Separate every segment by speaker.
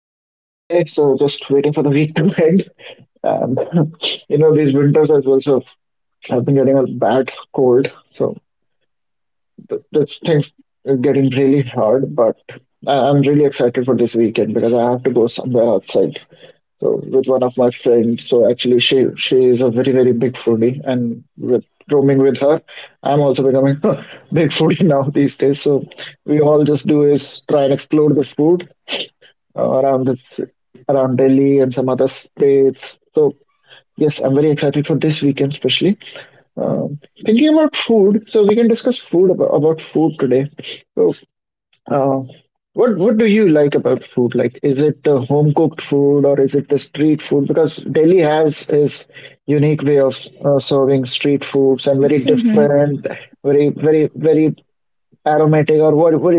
Speaker 1: It's Friday, so just waiting for the week to end. And these winters as well, so I've been getting a bad cold. So th this thing's getting really hard, but I'm really excited for this weekend because I have to go somewhere outside. So with one of my friends. So actually, she is a very big foodie, and with roaming with her, I'm also becoming a big foodie now these days. So we all just do is try and explore the food around this around Delhi and some other states. So yes, I'm very excited for this weekend, especially. Thinking about food, so we can discuss about food today. So uh, what do you like about food? Like, is it the home cooked food or is it the street food? Because Delhi has its unique way of serving street foods and very
Speaker 2: Mm-hmm.
Speaker 1: different, very aromatic. Or what what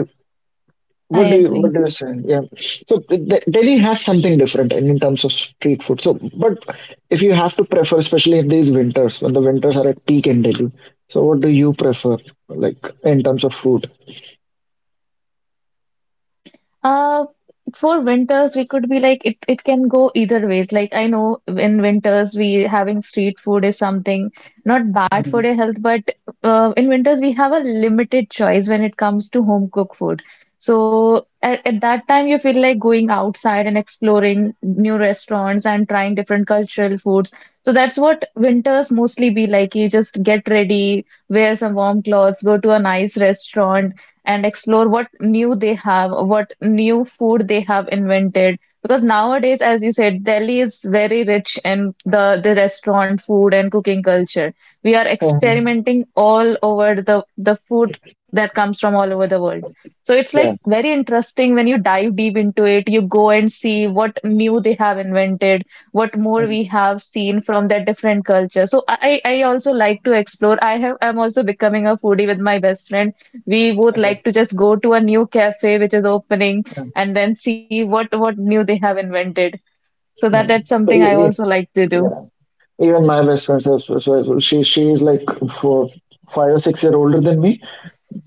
Speaker 2: I
Speaker 1: what do you what
Speaker 2: agree.
Speaker 1: do you say? Yeah. So Delhi has something different in terms of street food. So, but if you have to prefer, especially in these winters when the winters are at peak in Delhi, so what do you prefer, like in terms of food?
Speaker 2: Uh, for winters, we could be like it can go either ways. Like I know in winters we having street food is something not bad for
Speaker 1: Mhm.
Speaker 2: your health, but in winters we have a limited choice when it comes to home cooked food. So at that time you feel like going outside and exploring new restaurants and trying different cultural foods. So that's what winters mostly be like. You just get ready, wear some warm clothes, go to a nice restaurant and explore what new they have, what new food they have invented. Because nowadays, as you said, Delhi is very rich in the restaurant food and cooking culture. We are
Speaker 1: Mhm.
Speaker 2: experimenting all over the food that comes from all over the world. So it's like
Speaker 1: Yeah.
Speaker 2: very interesting when you dive deep into it, you go and see what new they have invented, what more we have seen from their different culture. So I also like to explore. I'm also becoming a foodie with my best friend. We both like to just go to a new cafe which is opening
Speaker 1: So,
Speaker 2: and then see what new they have invented. So that's something I
Speaker 1: e- e-
Speaker 2: also like to do.
Speaker 1: yeah. Even my best friend, so she is like four, 5 or 6 year older than me.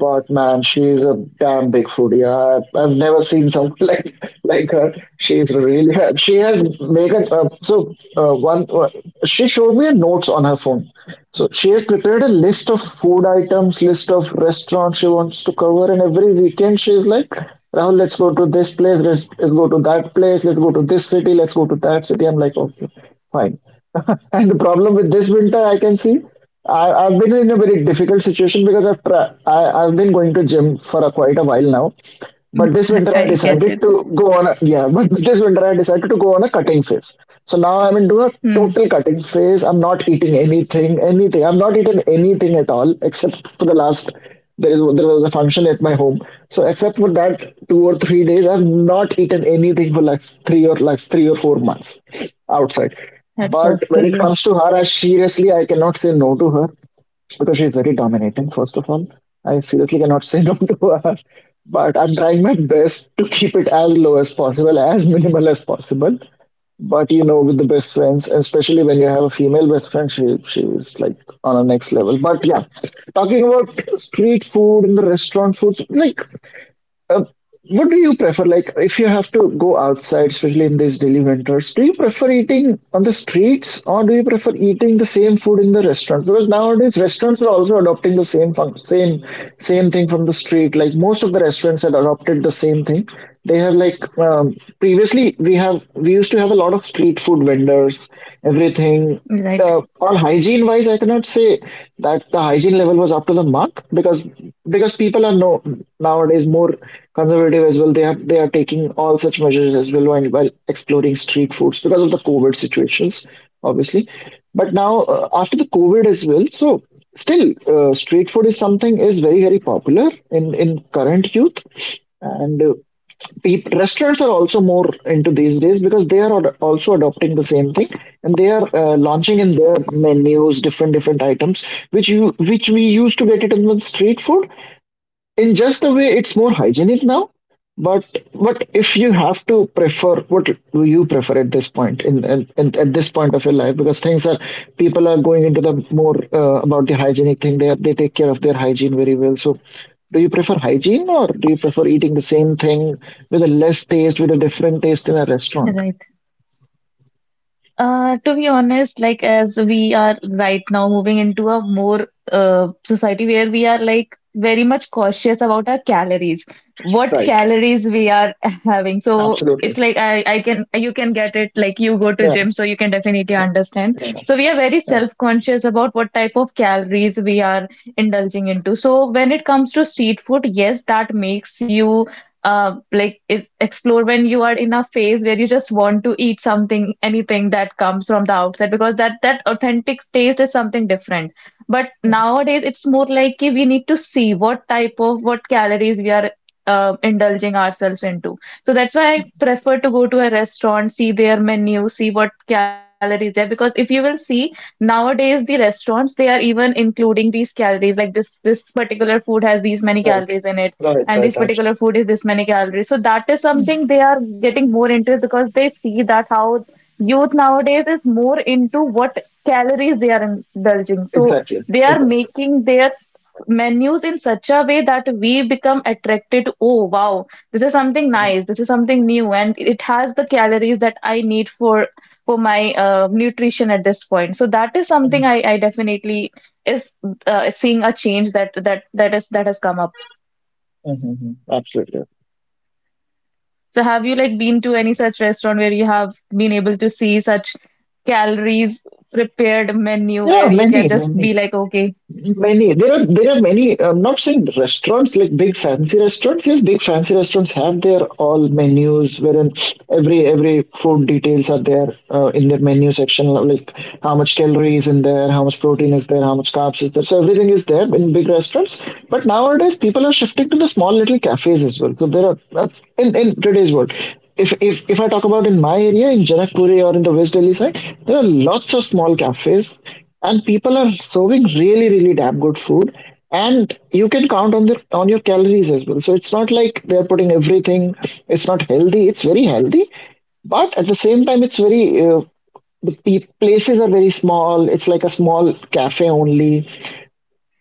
Speaker 1: But man, she's a damn big foodie. I've never seen someone like her. She's really she has made it, so one. She showed me notes on her phone. So she has prepared a list of food items, list of restaurants she wants to cover, and every weekend she's like, "Rahul, let's go to this place. Let's go to that place. Let's go to this city. Let's go to that city." I'm like, "Okay, fine." And the problem with this winter, I can see. I've been in a very difficult situation because I've been going to gym for a, quite a while now, but this
Speaker 2: I,
Speaker 1: winter I
Speaker 2: I get
Speaker 1: decided
Speaker 2: it.
Speaker 1: to go on a yeah, but this winter I decided to go on a cutting phase. So now I'm into a
Speaker 2: Hmm.
Speaker 1: total cutting phase. I'm not eating anything, anything. I'm not eating anything at all, except for the last there was a function at my home. So except for that 2 or 3 days, I've not eaten anything for like 3 or 4 months outside.
Speaker 2: That's off
Speaker 1: But when
Speaker 2: to
Speaker 1: it
Speaker 2: you.
Speaker 1: comes to her, I seriously I cannot say no to her because she's very dominating, first of all. I seriously cannot say no to her, but I'm trying my best to keep it as low as possible, as minimal as possible. But you know, with the best friends, especially when you have a female best friend, she's like on a next level. But yeah, talking about street food and the restaurant foods, like uh, what do you prefer? Like, if you have to go outside, especially in these daily winters, do you prefer eating on the streets or do you prefer eating the same food in the restaurant? Because nowadays restaurants are also adopting the same same thing from the street. Like most of the restaurants had adopted the same thing. They have like previously we used to have a lot of street food vendors, everything
Speaker 2: Right.
Speaker 1: on hygiene wise, I cannot say that the hygiene level was up to the mark because people are no nowadays more conservative as well. They are taking all such measures as well while exploring street foods because of the COVID situations, obviously. But now after the COVID as well, so still street food is something is very popular in current youth and peop restaurants are also more into these days because they are also adopting the same thing and they are launching in their menus different items which you which we used to get it in the street food in just a way it's more hygienic now but if you have to prefer what do you prefer at this point in at this point of your life because things are people are going into the more about the hygienic thing they take care of their hygiene very well so do you prefer hygiene or do you prefer eating the same thing with a less taste with a different taste in a restaurant
Speaker 2: Right. To be honest, like as we are right now moving into a more society where we are like very much cautious about our calories, what
Speaker 1: right
Speaker 2: calories we are having. So
Speaker 1: absolutely
Speaker 2: it's like I can you can get it like you go to
Speaker 1: yeah
Speaker 2: gym, so you can definitely understand.
Speaker 1: yeah,
Speaker 2: So we are very
Speaker 1: yeah.
Speaker 2: self-conscious about what type of calories we are indulging into. So when it comes to street food, yes, that makes you like if explore when you are in a phase where you just want to eat something anything that comes from the outside because that that authentic taste is something different, but nowadays it's more like ki we need to see what type of what calories we are indulging ourselves into. So that's why I prefer to go to a restaurant, see their menu, see what calories there, because if you will see, nowadays the restaurants they are even including these calories, like this particular food has these many
Speaker 1: Right
Speaker 2: calories in it and this
Speaker 1: right
Speaker 2: particular
Speaker 1: absolutely.
Speaker 2: food is this many calories. So that is something they are getting more into because they see that how youth nowadays is more into what calories they are indulging. So
Speaker 1: Exactly
Speaker 2: they are
Speaker 1: exactly.
Speaker 2: making their menus in such a way that we become attracted to, oh wow, this is something
Speaker 1: Mhm.
Speaker 2: nice, this is something new, and it has the calories that I need for my nutrition at this point. So that is something
Speaker 1: Mhm.
Speaker 2: I definitely is seeing a change that has come up.
Speaker 1: Mhm. Mhm. Absolutely.
Speaker 2: So have you like been to any such restaurant where you have been able to see such calories prepared menu
Speaker 1: Yeah,
Speaker 2: where you can just
Speaker 1: many.
Speaker 2: be like, okay,
Speaker 1: Many there are many. I'm not saying restaurants like big fancy restaurants. Yes, big fancy restaurants have their all menus wherein every food details are there in their menu section. Like how much calories in there, how much protein is there, how much carbs is there. So everything is there in big restaurants. But nowadays people are shifting to the small little cafes as well. So there are in today's world. If I talk about in my area in Janakpuri or in the West Delhi side, there are lots of small cafes and people are serving really damn good food and you can count on their on your calories as well, so it's not like they're putting everything. It's not healthy, it's very healthy, but at the same time it's very places are very small. It's like a small cafe only,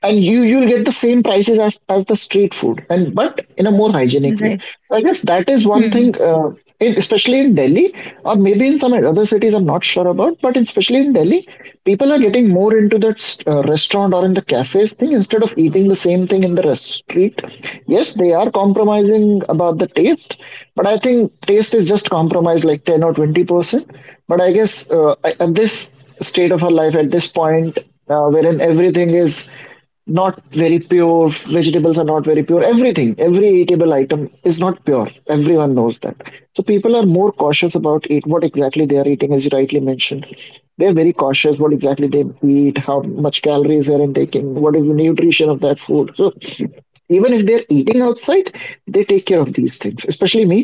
Speaker 1: and you'll get the same prices as the street food, and but in a more hygienic way.
Speaker 2: right.
Speaker 1: So I guess that is one
Speaker 2: Hmm.
Speaker 1: thing, especially in Delhi, or maybe in some other cities I'm not sure about, but especially in Delhi, people are getting more into that restaurant or in the cafes thing instead of eating the same thing in the rest street. Yes, they are compromising about the taste, but I think taste is just compromised like 10 or 20%. But I guess at this state of our life at this point, wherein everything is not very pure, vegetables are not very pure, everything every eatable item is not pure. Everyone knows that. So people are more cautious about eat what exactly they are eating. As you rightly mentioned, they're very cautious what exactly they eat, how much calories they're intaking, what is the nutrition of that food. So even if they're eating outside, they take care of these things, especially me.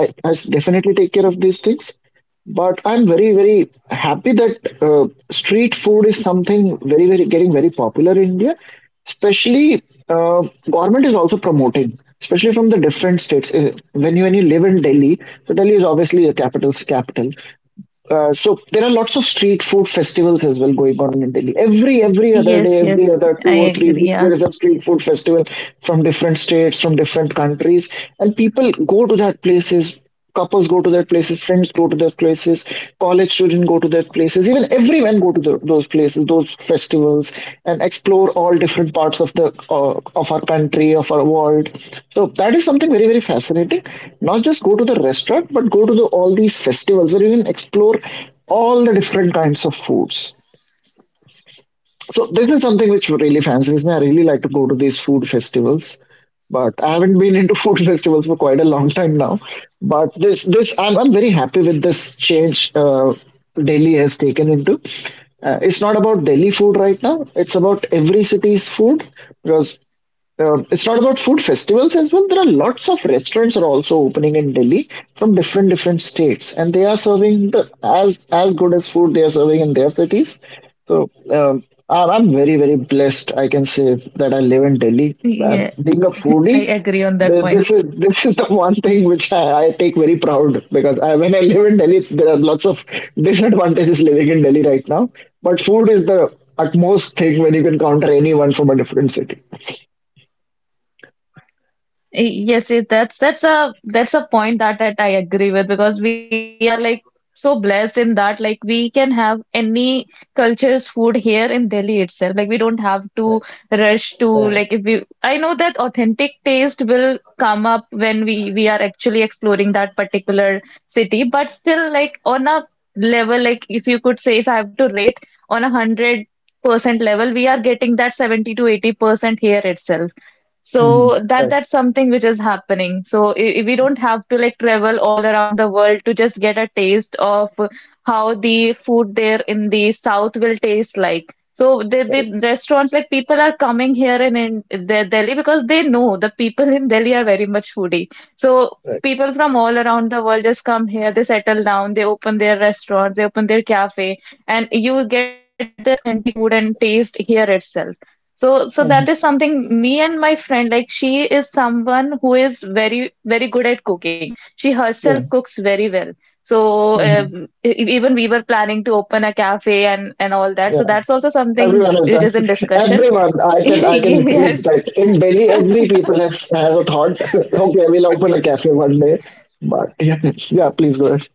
Speaker 1: Definitely take care of these things. But I'm very, very happy that street food is something very, very getting very popular in India. Especially, uh, government is also promoting, especially from the different states. When you live in Delhi, so Delhi is obviously a capital's capital. So there are lots of street food festivals as well going on in Delhi. Every other day,
Speaker 2: Yes,
Speaker 1: every
Speaker 2: yes,
Speaker 1: other two
Speaker 2: I
Speaker 1: or three
Speaker 2: agree.
Speaker 1: weeks,
Speaker 2: Yeah.
Speaker 1: there is a street food festival from different states, from different countries, and people go to that places. Couples go to their places, friends go to their places, college students go to their places even everyone go to those places those festivals and explore all different parts of the of our country of our world. So that is something very very fascinating. Not just go to the restaurant but go to the all these festivals where you can explore all the different kinds of foods. So this is something which really fancies me. I really like to go to these food festivals, but I haven't been into food festivals for quite a long time now. But this I'm very happy with this change Delhi has taken into. It's not about Delhi food right now. It's about every city's food because it's not about food festivals as well. There are lots of restaurants are also opening in Delhi from different states, and they are serving the, as good as food they are serving in their cities. So I'm very very blessed. I can say that I live in Delhi.
Speaker 2: Yeah,
Speaker 1: And being a
Speaker 2: I
Speaker 1: foodie,
Speaker 2: agree on that point.
Speaker 1: this is this is the one thing which I take very proud because I, when I live in Delhi, there are lots of disadvantages living in Delhi right now. But food is the utmost thing when you can counter anyone from a different city.
Speaker 2: Yes, yes, that's a point that I agree with because we are like so blessed in that like we can have any culture's food here in Delhi itself. Like we don't have to
Speaker 1: Right.
Speaker 2: rush to
Speaker 1: Yeah.
Speaker 2: like if we I know that authentic taste will come up when we are actually exploring that particular city, but still like on a level, like if you could say if I have to rate on 100% level, we are getting that 70 to 80% here itself.
Speaker 1: Hmm.
Speaker 2: So that
Speaker 1: Right,
Speaker 2: that's something which is happening. So we don't have to like travel all around the world to just get a taste of how the food there in the south will taste like. So the
Speaker 1: right,
Speaker 2: restaurants like people are coming here in the Delhi because they know the people in Delhi are very much foodie. So
Speaker 1: right.
Speaker 2: people from all around the world just come here, they settle down, they open their restaurants, they open their cafe, and you get that authentic food and taste here itself. So, that
Speaker 1: Hmm.
Speaker 2: is something me and my friend, like she is someone who is very, very good at cooking. She herself
Speaker 1: Yeah,
Speaker 2: cooks very well. So,
Speaker 1: hmm,
Speaker 2: um, e- e, even we were planning to open a cafe and all that.
Speaker 1: yeah.
Speaker 2: So that's also something
Speaker 1: Everyone has
Speaker 2: which
Speaker 1: done.
Speaker 2: is in discussion.
Speaker 1: Everyone, I can literally
Speaker 2: Yes.
Speaker 1: bet in Delhi, every people has a thought. Okay, we'll open a cafe one day. But yeah, yeah. Please go ahead.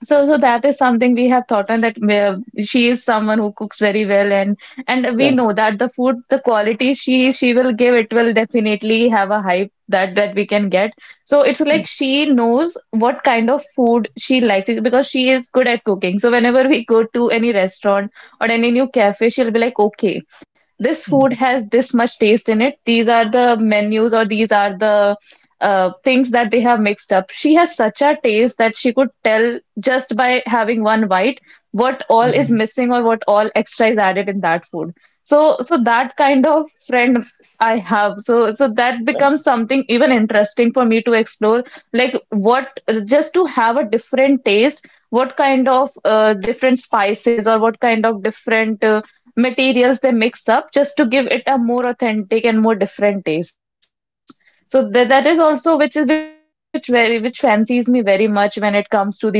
Speaker 2: So, that is something we have thought on, that she is someone who cooks very well, and we know that the quality she will give it will definitely have a hype that we can get. So it's like she knows what kind of food she likes because she is good at cooking. So whenever we go to any restaurant or any new cafe, she'll be like, okay, this food
Speaker 1: Yeah.
Speaker 2: has this much taste in it. These are the menus or these are the things that they have mixed up. She has such a taste that she could tell just by having one bite what all is missing or what all extra is added in that food. So that kind of friend I have. So that becomes something even interesting for me to explore, like what, just to have a different taste, what kind of different spices or what kind of different materials they mix up just to give it a more authentic and more different taste. So that is also which fancies me very much when it comes to these cooking.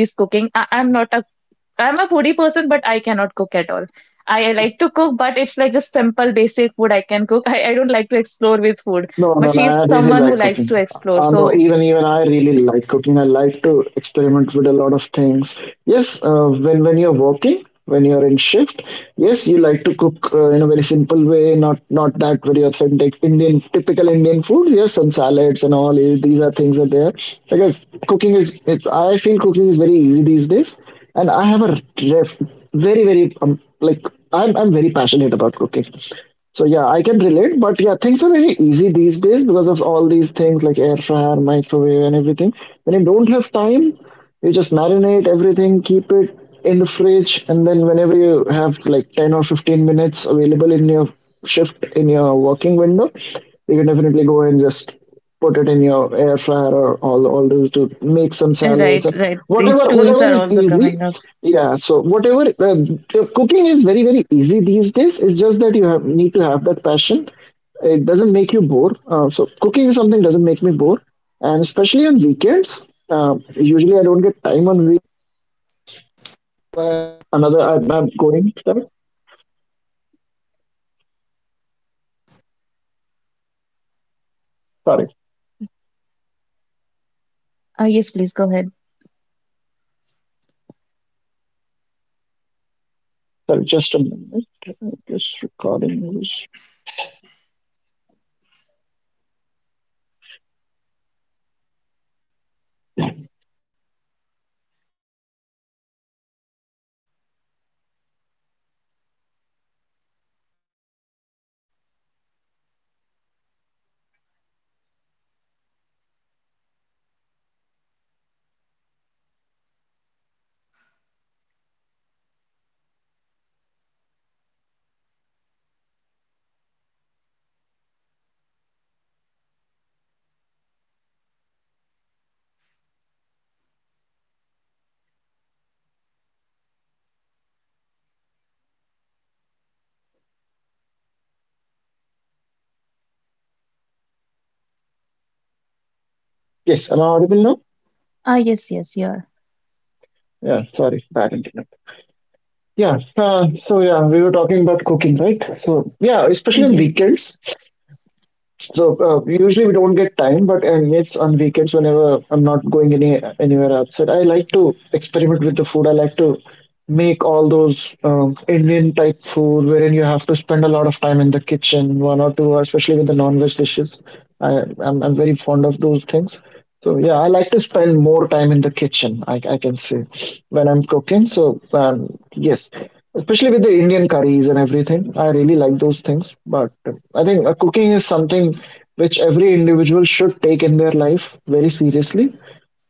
Speaker 2: I'm a foodie person, but I cannot cook at all. I like to cook, but it's like just simple, basic food I can cook. I don't like to explore with food, but she's
Speaker 1: No,
Speaker 2: someone
Speaker 1: no,
Speaker 2: who
Speaker 1: no.
Speaker 2: likes
Speaker 1: I
Speaker 2: to
Speaker 1: really like
Speaker 2: explore.
Speaker 1: cooking.
Speaker 2: So,
Speaker 1: No, even I really like cooking. I like to experiment with a lot of things. Yes, when you're working, when you're in shift, yes, you like to cook in a very simple way, not that very authentic Indian, typical Indian food. Yes, some salads and all. These are things are there. Because cooking is, I feel cooking is very easy these days, and I have a ref, very very, I'm very passionate about cooking. So yeah, I can relate, but yeah, things are very easy these days because of all these things like air fryer, microwave, and everything. When you don't have time, you just marinate everything, keep it in the fridge, and then whenever you have like 10 or 15 minutes available in your shift in your working window, you can definitely go and just put it in your air fryer or all those to make some salads
Speaker 2: right,
Speaker 1: or
Speaker 2: right. These
Speaker 1: whatever
Speaker 2: tools
Speaker 1: whatever
Speaker 2: are
Speaker 1: is
Speaker 2: also
Speaker 1: easy.
Speaker 2: coming up.
Speaker 1: Yeah, so whatever, cooking is very very easy these days. It's just that need to have that passion. It doesn't make you bored. So cooking is something doesn't make me bored, and especially on weekends.
Speaker 2: Ah, yes, please go ahead.
Speaker 1: Sorry, just a minute. I'm just recording this. Sorry, am I audible to you? Yes, am I audible now?
Speaker 2: Ah, yes, yes, you are.
Speaker 1: Yeah, sorry, bad internet. Yeah, so yeah, we were talking about cooking, right? So yeah, especially on
Speaker 2: Yes.
Speaker 1: weekends. So usually we don't get time, but and yes, on weekends, whenever I'm not going anywhere outside, I like to experiment with the food. I like to make all Indian type food wherein you have to spend a lot of time in the kitchen, 1 or 2 hours, especially with the non-veg dishes. I'm very fond of those things. So yeah, I like to spend more time in the kitchen, I can say, when I'm cooking. So yes, especially with the Indian curries and everything, I really like those things. But I think cooking is something which every individual should take in their life very seriously,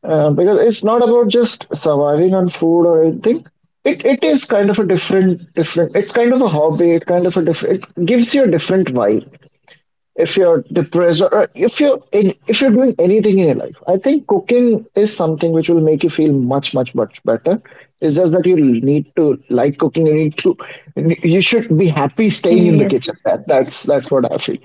Speaker 1: because it's not about just surviving on food or anything. It is kind of a different different. It's kind of a hobby. It's kind of a different. It gives you a different vibe. If you're depressed or if you're doing anything in your life, I think cooking is something which will make you feel much better. It's just that you need to like cooking. You need to, you should be happy staying in the
Speaker 2: Yes.
Speaker 1: kitchen. That's what I feel.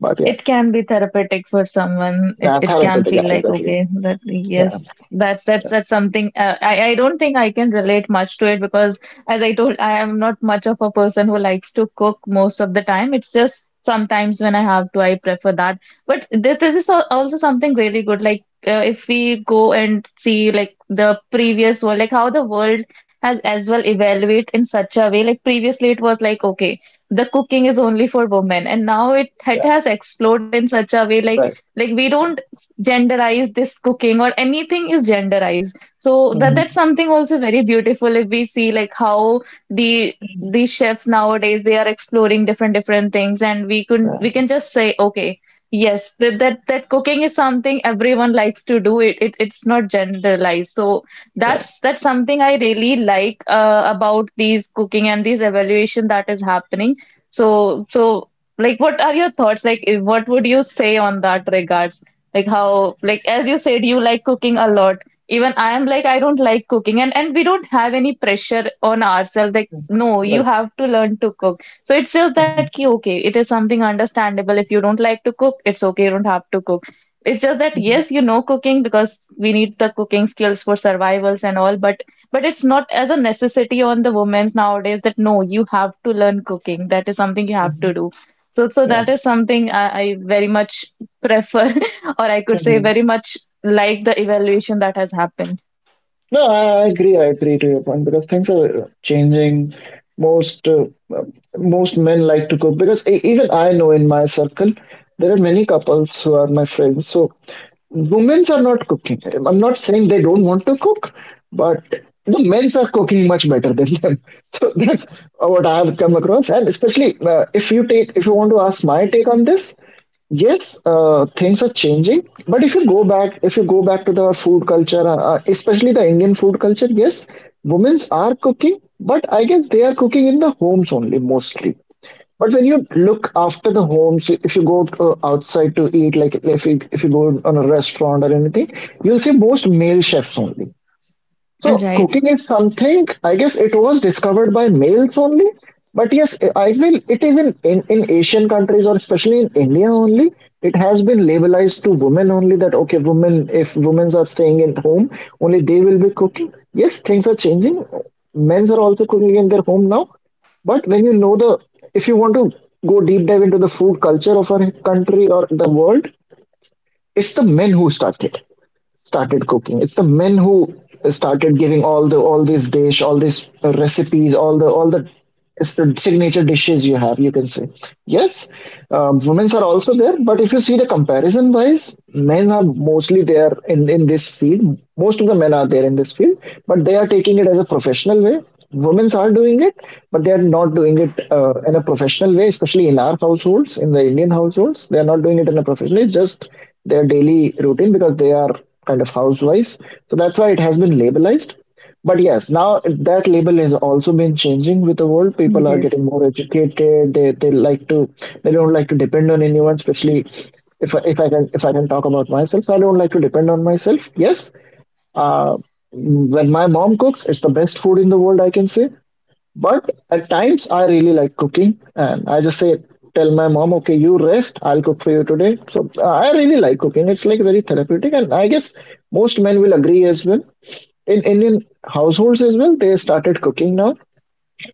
Speaker 1: But yeah,
Speaker 2: It can be therapeutic for someone. It
Speaker 1: yeah,
Speaker 2: it can
Speaker 1: therapeutic, yeah,
Speaker 2: feel like,
Speaker 1: exactly.
Speaker 2: okay, that
Speaker 1: Yeah,
Speaker 2: yes, that's something. I don't think I can relate much to it because as I told, I am not much of a person who likes to cook most of the time. It's just sometimes when I have to, I prefer that. But this is also something really good. Like if we go and see like the previous world, like how the world has as well evaluate in such a way. Like previously, it was like okay, the cooking is only for women, and now it
Speaker 1: yeah,
Speaker 2: has exploded in such a way, like
Speaker 1: right.
Speaker 2: we don't genderize this cooking or anything is genderized. So that's
Speaker 1: Hmm.
Speaker 2: something also very beautiful if we see like how the the chef nowadays they are exploring different things, and we can
Speaker 1: Yeah.
Speaker 2: we can just say okay, yes, that cooking is something everyone likes to do it. It's not generalized. So
Speaker 1: Yeah.
Speaker 2: that's something I really like about these cooking and these evaluation that is happening. So, like, what are your thoughts? Like, what would you say on that regards? Like how, like as you said, you like cooking a lot. Even I am like, I don't like cooking, and we don't have any pressure on ourselves. Like, no,
Speaker 1: Mm-hmm.
Speaker 2: you
Speaker 1: Right.
Speaker 2: have to learn to cook. So it's just that
Speaker 1: Mhm.
Speaker 2: ki, okay, it is something understandable. If you don't like to cook, it's okay. You don't have to cook. It's just that
Speaker 1: Mhm.
Speaker 2: yes, you know cooking because we need the cooking skills for survivals and all, but it's not as a necessity on the women's nowadays that no, you have to learn cooking. That is something you have to
Speaker 1: Mhm.
Speaker 2: do. So,
Speaker 1: Yeah.
Speaker 2: that is something I very much prefer, or I could say
Speaker 1: Mhm.
Speaker 2: very much like the evaluation that has happened.
Speaker 1: No, I agree. I agree to your point because things are changing. Most most men like to cook because even I know in my circle there are many couples who are my friends. So women are not cooking. I'm not saying they don't want to cook, but the men's are cooking much better than them. So that's what I've come across. And especially if you want to ask my take on this, yes, things are changing, but if you go back to the food culture, especially the Indian food culture, yes, women's are cooking, but I guess they are cooking in the homes only mostly. But when you look after the homes, if you go outside to eat, like if you go on a restaurant or anything, you'll see most male chefs only. So
Speaker 2: Right.
Speaker 1: cooking is something, I guess it was discovered by males only. But yes, I feel it is in Asian countries or especially in India only. It has been labelized to women only that okay, women if women are staying at home, only they will be cooking. Yes, things are changing. Men's are also cooking in their home now. But when you know the, if you want to go deep dive into the food culture of our country or the world, it's the men who started cooking. It's the men who started giving all the all these recipes, all the it's the signature dishes you have. You can say yes, women's are also there, but if you see the comparison wise, men are mostly there in this field. Most of the men are there in this field, but they are taking it as a professional way. Women's are doing it, but they are not doing it in a professional way, especially in our households, in the Indian households. They are not doing it in a professional. It's just their daily routine because they are kind of housewise, so that's why it has been labelized. But yes, now that label has also been changing with the world. People are
Speaker 2: Yes.
Speaker 1: getting more educated. They like to, they don't like to depend on anyone, especially if I can talk about myself. So I don't like to depend on myself. Yes, uh, when my mom cooks, it's the best food in the world. I can say, but at times I really like cooking, and I just say, tell my mom, okay, you rest, I'll cook for you today. So I really like cooking. It's like very therapeutic, and I guess most men will agree as well. In Indian households as well, they started cooking now.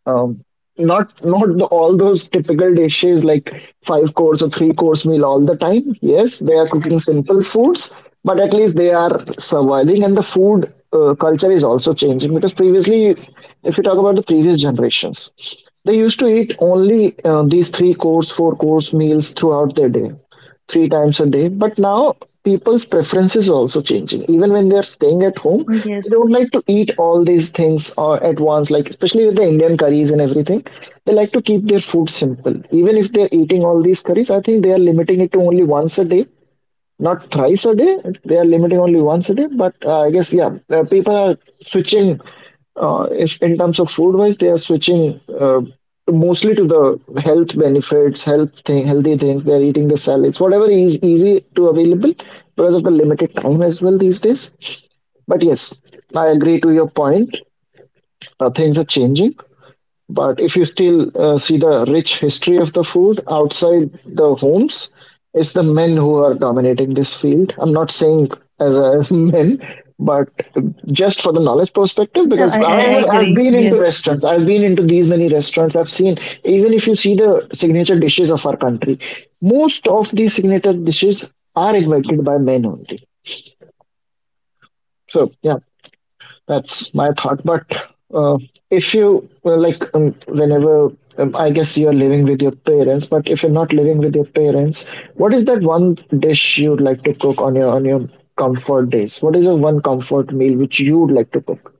Speaker 1: Um, not the, all those typical dishes like five course or three course meal all the time. Yes, they are cooking simple foods, but at least they are surviving, and the food culture is also changing because previously, if you talk about the previous generations. They used to eat only these three course, four course meals throughout their day, three times a day. But now people's preferences are also changing. Even when they are staying at home,
Speaker 2: Yes.
Speaker 1: they don't like to eat all these things at once. Like especially with the Indian curries and everything, they like to keep their food simple. Even if they are eating all these curries, I think they are limiting it to only once a day, not thrice a day. They are limiting only once a day, but I guess yeah, people are switching, in terms of food wise they are switching, mostly to the health benefits, healthy things. They're eating the salads, whatever is easy to available because of the limited time as well these days. But yes, I agree to your point. Things are changing, but if you still see the rich history of the food outside the homes, it's the men who are dominating this field. I'm not saying as men, but just for the knowledge perspective,
Speaker 2: No,
Speaker 1: because
Speaker 2: I, I I
Speaker 1: I've
Speaker 2: agree.
Speaker 1: been into
Speaker 2: Yes.
Speaker 1: restaurants, I've been into these many restaurants, I've seen, even if you see the signature dishes of our country, most of these signature dishes are invented by men only. So, yeah, that's my thought. But if you well, like, whenever I guess you're living with your parents, but if you're not living with your parents, what is that one dish you'd like to cook on your comfort days? What is the one comfort meal which you'd like to cook?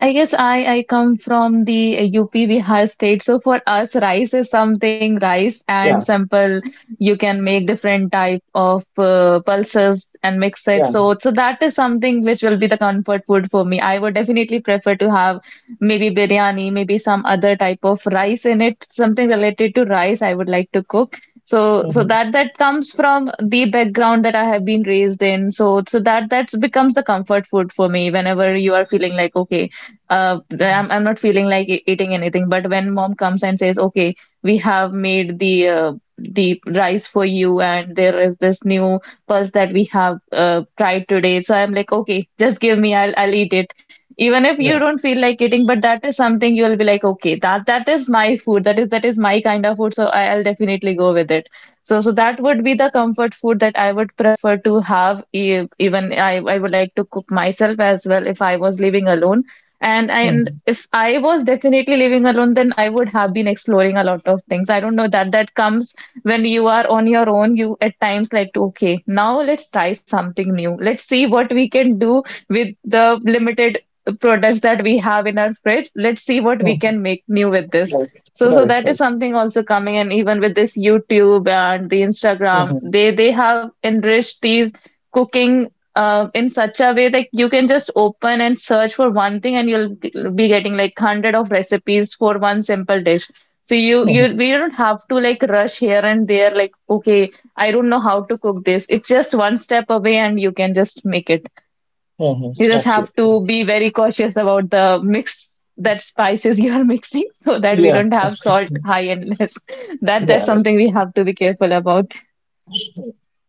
Speaker 2: I guess I come from the UP Bihar state. So for us, rice is something rice and
Speaker 1: Yeah,
Speaker 2: simple. You can make different type of pulses and mix it.
Speaker 1: yeah,
Speaker 2: So that is something which will be the comfort food for me. I would definitely prefer to have maybe biryani, maybe some other type of rice in it, something related to rice I would like to cook. So
Speaker 1: hmm,
Speaker 2: that that comes from the background that I have been raised in. So that's becomes the comfort food for me whenever you are feeling like, okay, I'm not feeling like eating anything. But when mom comes and says, okay, we have made the rice for you, and there is this new pulse that we have tried today. So I'm like, okay, just give me, I'll eat it. Even if
Speaker 1: yeah.
Speaker 2: you don't feel like eating, but that is something you'll be like, okay, that is my food. That is my kind of food. So I'll definitely go with it. So that would be the comfort food that I would prefer to have. Even I would like to cook myself as well if I was living alone and
Speaker 1: Hmm.
Speaker 2: if I was definitely living alone, then I would have been exploring a lot of things. I don't know that comes when you are on your own. You at times like, to, okay, now let's try something new. Let's see what we can do with the limited products that we have in our fridge. Let's see what we
Speaker 1: Hmm.
Speaker 2: can make new with this.
Speaker 1: Right,
Speaker 2: So
Speaker 1: right,
Speaker 2: that is
Speaker 1: right.
Speaker 2: something also coming. And even with this YouTube and the Instagram,
Speaker 1: Hmm.
Speaker 2: they have enriched these cooking in such a way that you can just open and search for one thing and you'll be getting like hundred of recipes for one simple dish. So you
Speaker 1: Hmm.
Speaker 2: we don't have to like rush here and there like okay I don't know how to cook this. It's just one step away and you can just make it.
Speaker 1: Hmm.
Speaker 2: You just have
Speaker 1: Absolutely.
Speaker 2: to be very cautious about the mix that spices you're mixing so that we
Speaker 1: Yeah,
Speaker 2: don't have salt
Speaker 1: absolutely.
Speaker 2: high and less. That's
Speaker 1: Yeah.
Speaker 2: something we have to be careful about.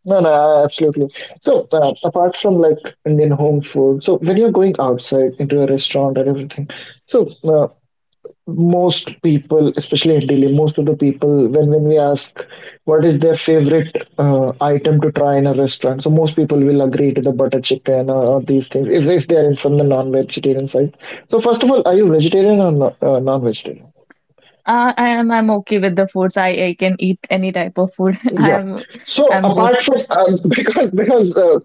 Speaker 1: No, no, a- absolutely. So, apart from like Indian home food, so when you're going outside into a restaurant and everything, so most people, especially in Delhi, most of the people, when we ask what is their favorite item to try in a restaurant, so most people will agree to the butter chicken or these things if they are in from the non-vegetarian side. So, first of all, are you vegetarian or no, non-vegetarian?
Speaker 2: I'm okay with the foods. I can eat any type of food.
Speaker 1: Yeah.
Speaker 2: I'm
Speaker 1: So
Speaker 2: I'm both.
Speaker 1: apart from because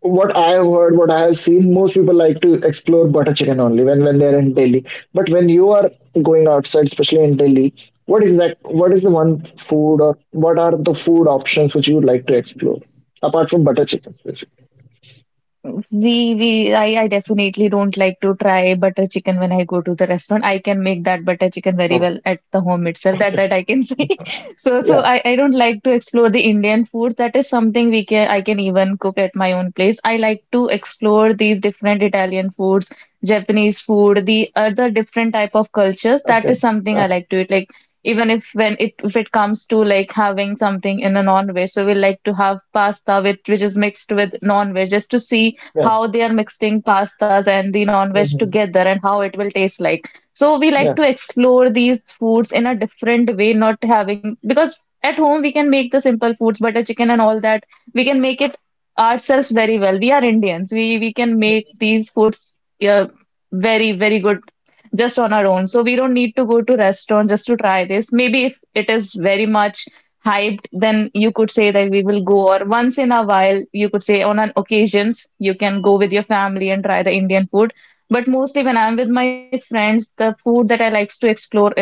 Speaker 1: what I have heard, what I have seen, most people like to explore butter chicken only when they're in Delhi. But when you are going outside, especially in Delhi, what is that? What is the one food or what are the food options which you would like to explore apart from butter chicken? Basically.
Speaker 2: I definitely don't like to try butter chicken when I go to the restaurant. I can make that butter chicken very
Speaker 1: Oh
Speaker 2: well at the home itself. That I can say. So
Speaker 1: yeah.
Speaker 2: I don't like to explore the Indian foods. That is something we can I can even cook at my own place. I like to explore these different Italian foods, Japanese food, the other different type of cultures. That
Speaker 1: Okay.
Speaker 2: is something
Speaker 1: Uh,
Speaker 2: I like to eat. Like even if when it if it comes to like having something in a non-veg, so we like to have pasta with which is mixed with non-veg just to see
Speaker 1: yeah.
Speaker 2: how they are mixing pastas and the non-veg
Speaker 1: Hmm.
Speaker 2: together and how it will taste like. So we like
Speaker 1: Yeah.
Speaker 2: to explore these foods in a different way, not having because at home we can make the simple foods, butter chicken and all that. We can make it ourselves very well. We are Indians. We can make these foods, yeah, very very good, just on our own. So we don't need to go to restaurant just to try this. Maybe if it is very much hyped, then you could say that we will go, or once in a while, you could say on an occasions, you can go with your family and try the Indian food. But mostly when I'm with my friends, the food that I likes to explore is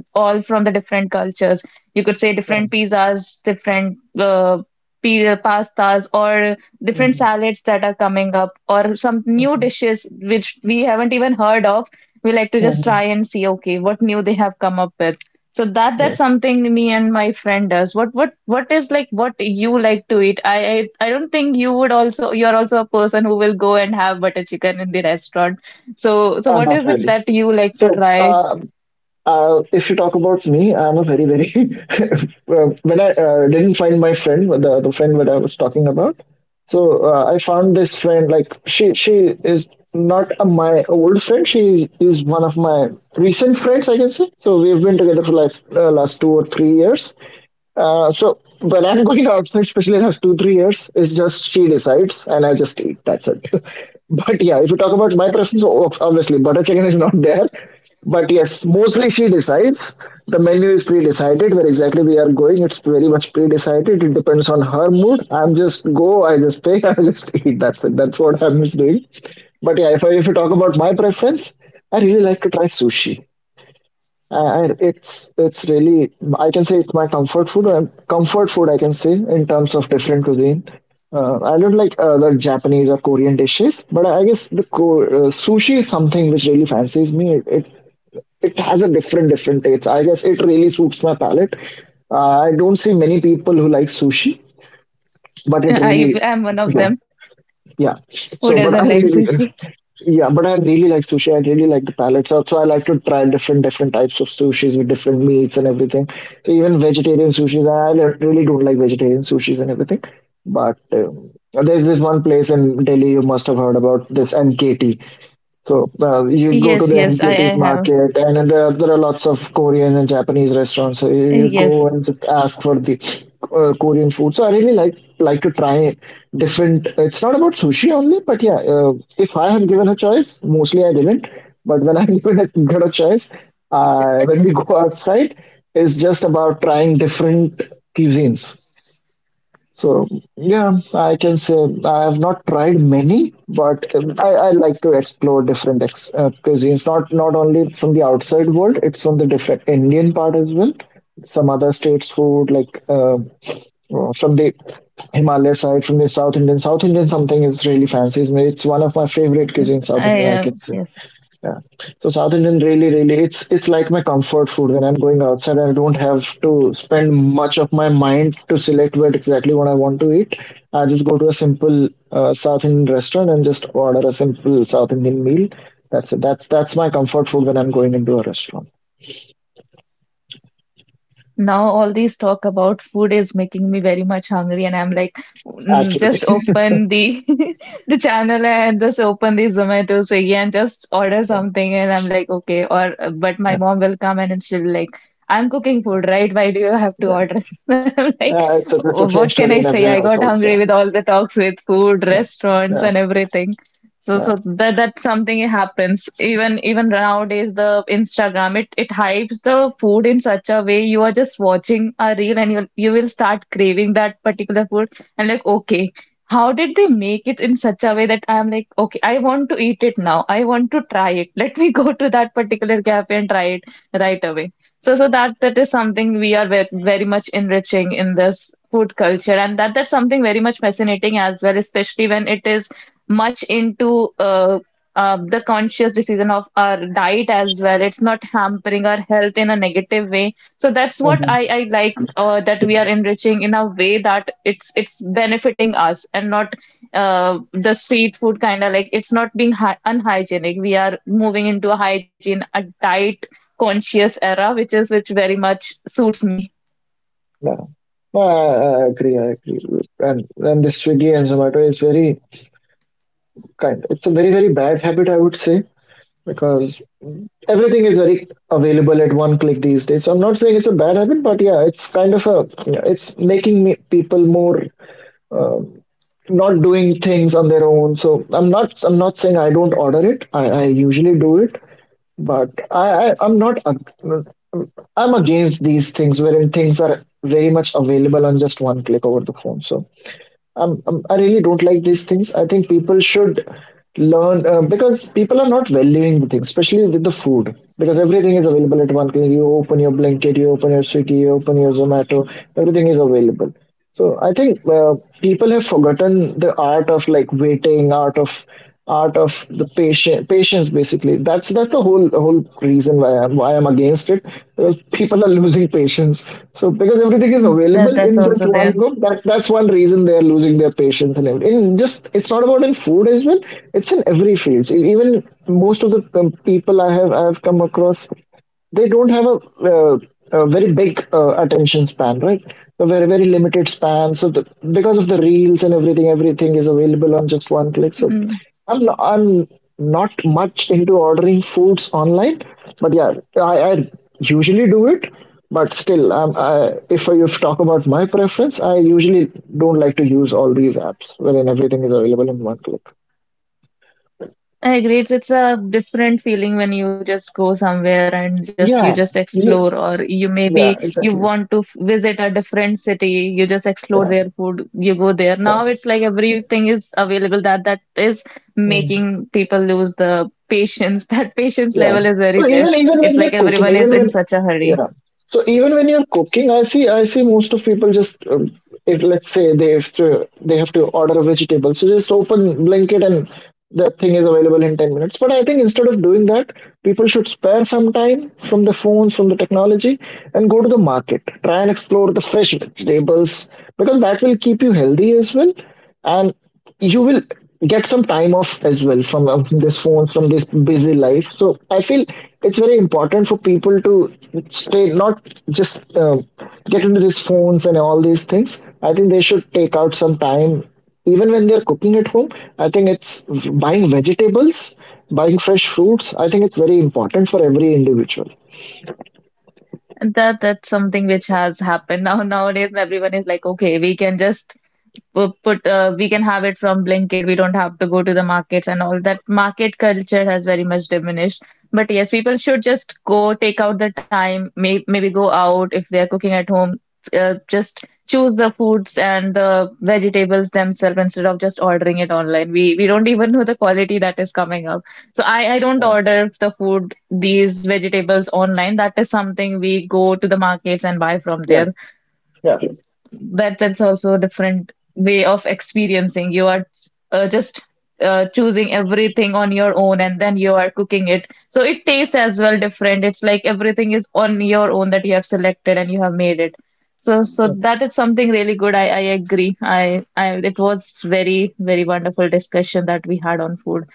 Speaker 2: all from the different cultures. You could say
Speaker 1: Yeah.
Speaker 2: different pizzas, different pastas, or different
Speaker 1: Hmm.
Speaker 2: salads that are coming up, or some new
Speaker 1: Hmm.
Speaker 2: dishes which we haven't even heard of. We like to just
Speaker 1: Hmm.
Speaker 2: try and see, okay, what new they have come up with. So that's
Speaker 1: Right.
Speaker 2: something me and my friend does. What is like what you like to eat? I don't think you're also a person who will go and have butter chicken in the restaurant. So what
Speaker 1: Not
Speaker 2: is it
Speaker 1: really.
Speaker 2: that you like to
Speaker 1: So,
Speaker 2: try?
Speaker 1: if you talk about me, I'm a very, very. When I didn't find my friend, the friend that I was talking about, so I found this friend. Like she is not a, my old friend. She is one of my recent friends, I can say. So we've been together for like last 2 or 3 years. So when I'm going outside, especially in the last 2 3 years, it's just she decides and I just eat. That's it. But yeah, if you talk about my preference, obviously butter chicken is not there. But yes, mostly she decides. The menu is pre-decided where exactly we are going. It's very much pre-decided. It depends on her mood. I'm just go. I just pay. I just eat. That's it. That's what I'm just doing. But yeah, if you talk about my preference, I really like to try sushi. And it's really I can say it's my comfort food, comfort food I can say in terms of different cuisine. I don't like the Japanese or Korean dishes, but I guess sushi is something which really fancies me. It has a different taste. I guess it really suits my palate. I don't see many people who like sushi, but it
Speaker 2: I
Speaker 1: really,
Speaker 2: am one of
Speaker 1: yeah,
Speaker 2: them
Speaker 1: yeah.
Speaker 2: who
Speaker 1: So, but
Speaker 2: doesn't
Speaker 1: I
Speaker 2: like
Speaker 1: really,
Speaker 2: sushi.
Speaker 1: yeah, but I really like sushi. I really like the palate. So I like to try different types of sushis with different meats and everything. So even vegetarian sushis, really don't like vegetarian sushis and everything. But there's this one place in Delhi you must have heard about this MKT. So you go to
Speaker 2: Yes,
Speaker 1: the
Speaker 2: yes, I,
Speaker 1: NKT
Speaker 2: I have.
Speaker 1: market, and there are lots of Korean and Japanese restaurants. So you go
Speaker 2: Yes,
Speaker 1: and just ask for the Korean food. So I really like to try different. It's not about sushi only, but yeah, if I have given a choice, mostly I didn't. But when I given got a choice, when we go outside, it's just about trying different cuisines. So yeah, I can say I have not tried many, but I like to explore different cuisines. Not only from the outside world, it's from the different Indian part as well. Some other states food like from the Himalaya side, from the South Indian. South Indian something is really fancy. It's one of my favorite cuisines. South
Speaker 2: I
Speaker 1: Indian, I
Speaker 2: have.
Speaker 1: can say.
Speaker 2: Yes.
Speaker 1: Yeah. So South Indian really, really, it's like my comfort food. When I'm going outside, I don't have to spend much of my mind to select what I want to eat. I just go to a simple South Indian restaurant and just order a simple South Indian meal. That's it. That's my comfort food when I'm going into a restaurant.
Speaker 2: Now all these talk about food is making me very much hungry, and I'm like, "Mm,
Speaker 1: Absolutely.
Speaker 2: just open the the channel and just open the Zomato, Swiggy, and just order
Speaker 1: Yeah.
Speaker 2: something." And I'm like, okay. Or but my
Speaker 1: Yeah.
Speaker 2: mom will come and then she'll be like, "I'm cooking food, right? Why do you have to
Speaker 1: Yeah.
Speaker 2: order?" I'm like,
Speaker 1: Yeah, it's the same
Speaker 2: what can
Speaker 1: story
Speaker 2: I
Speaker 1: in
Speaker 2: say?
Speaker 1: every
Speaker 2: I got
Speaker 1: household.
Speaker 2: hungry
Speaker 1: So.
Speaker 2: with all the talks with food,
Speaker 1: Yeah.
Speaker 2: restaurants,
Speaker 1: Yeah.
Speaker 2: and everything. So,
Speaker 1: Yeah.
Speaker 2: so that that's something it happens. Even nowadays, the Instagram it hypes the food in such a way you are just watching a reel and you will start craving that particular food and like okay, how did they make it in such a way that I'm like okay, I want to eat it now. I want to try it. Let me go to that particular cafe and try it right away. So that is something we are ve very much enriching in this food culture, and that's something very much fascinating as well, especially when it is much into the conscious decision of our diet as well. It's not hampering our health in a negative way. So that's what I,
Speaker 1: Mhm.
Speaker 2: I like that we are enriching in a way that it's benefiting us and not the street food kind of, like it's not being hy unhygienic. We are moving into a hygiene, a diet conscious era, which very much suits me.
Speaker 1: Yeah. No, I, I agree. I agree. And the Swiggy and Zomato is very kind, it's a very, very bad habit, I would say, because everything is very available at one click these days. So I'm not saying it's a bad habit, but yeah, it's kind of a, it's making me, people more, uh, not doing things on their own. So I'm not saying I don't order it. I usually do it, but I'm not, I'm against these things wherein things are very much available on just one click over the phone. So I really don't like these things. I think people should learn, because people are not valuing the things, especially with the food, because everything is available at one click. You open your blanket, you open your Swiggy, you open your Zomato, everything is available. So I think people have forgotten the art of like waiting, art of the patient patience, basically. That's the whole reason why I'm against it, because people are losing patience. So because everything is
Speaker 2: Mm,
Speaker 1: available
Speaker 2: That
Speaker 1: in
Speaker 2: that's
Speaker 1: just
Speaker 2: also
Speaker 1: one
Speaker 2: there.
Speaker 1: go, that's one reason they are losing their patience and everything in just, it's not about in food as well. It's in every field. Even most of the people I have come across, they don't have uh, a very big attention span, right? A very limited span. So the, because of the reels and everything, everything is available on just one click. So
Speaker 2: Mm.
Speaker 1: I'm not much into ordering foods online, but yeah, I usually do it. But still, if you talk about my preference, I usually don't like to use all these apps wherein everything is available in one click.
Speaker 2: I agree. It's a different feeling when you just go somewhere and just you
Speaker 1: Yeah,
Speaker 2: just explore,
Speaker 1: Ye-
Speaker 2: or you
Speaker 1: yeah,
Speaker 2: maybe you
Speaker 1: exactly.
Speaker 2: want to visit a different city. You just explore
Speaker 1: Yeah,
Speaker 2: their food. You go there.
Speaker 1: yeah.
Speaker 2: Now it's like everything is available. That is
Speaker 1: Hmm.
Speaker 2: making people lose the patience. That patience
Speaker 1: Yeah.
Speaker 2: level is very
Speaker 1: So
Speaker 2: less.
Speaker 1: even
Speaker 2: It's
Speaker 1: when
Speaker 2: like
Speaker 1: they're cooking,
Speaker 2: everyone is
Speaker 1: even
Speaker 2: in
Speaker 1: when,
Speaker 2: such a hurry.
Speaker 1: yeah. So even when you're cooking, I see most of people just, if let's say they have to order a vegetable, so just open Blinkit and the thing is available in 10 minutes. But I think instead of doing that, people should spare some time from the phones, from the technology, and go to the market. Try and explore the fresh vegetables, because that will keep you healthy as well. And you will get some time off as well from this phone, from this busy life. So I feel it's very important for people to stay, not just get into these phones and all these things. I think they should take out some time even when they're cooking at home. I think it's buying vegetables, buying fresh fruits. I think it's very important for every individual.
Speaker 2: And that's something which has happened now nowadays. Everyone is like, okay, we can have it from Blinkit. We don't have to go to the markets and all that. Market culture has very much diminished. But yes, people should just go take out the time, maybe go out if they are cooking at home. Just choose the foods and the vegetables themselves instead of just ordering it online. We don't even know the quality that is coming up. So I don't order the food, these vegetables online. That is something we go to the markets and buy from
Speaker 1: Yeah.
Speaker 2: there.
Speaker 1: Yeah,
Speaker 2: That's also a different way of experiencing. You are just choosing everything on your own and then you are cooking it. So it tastes as well different. It's like everything is on your own that you have selected and you have made it. So
Speaker 1: yeah.
Speaker 2: that is something really good. I agree. I it was very, very wonderful discussion that we had on food.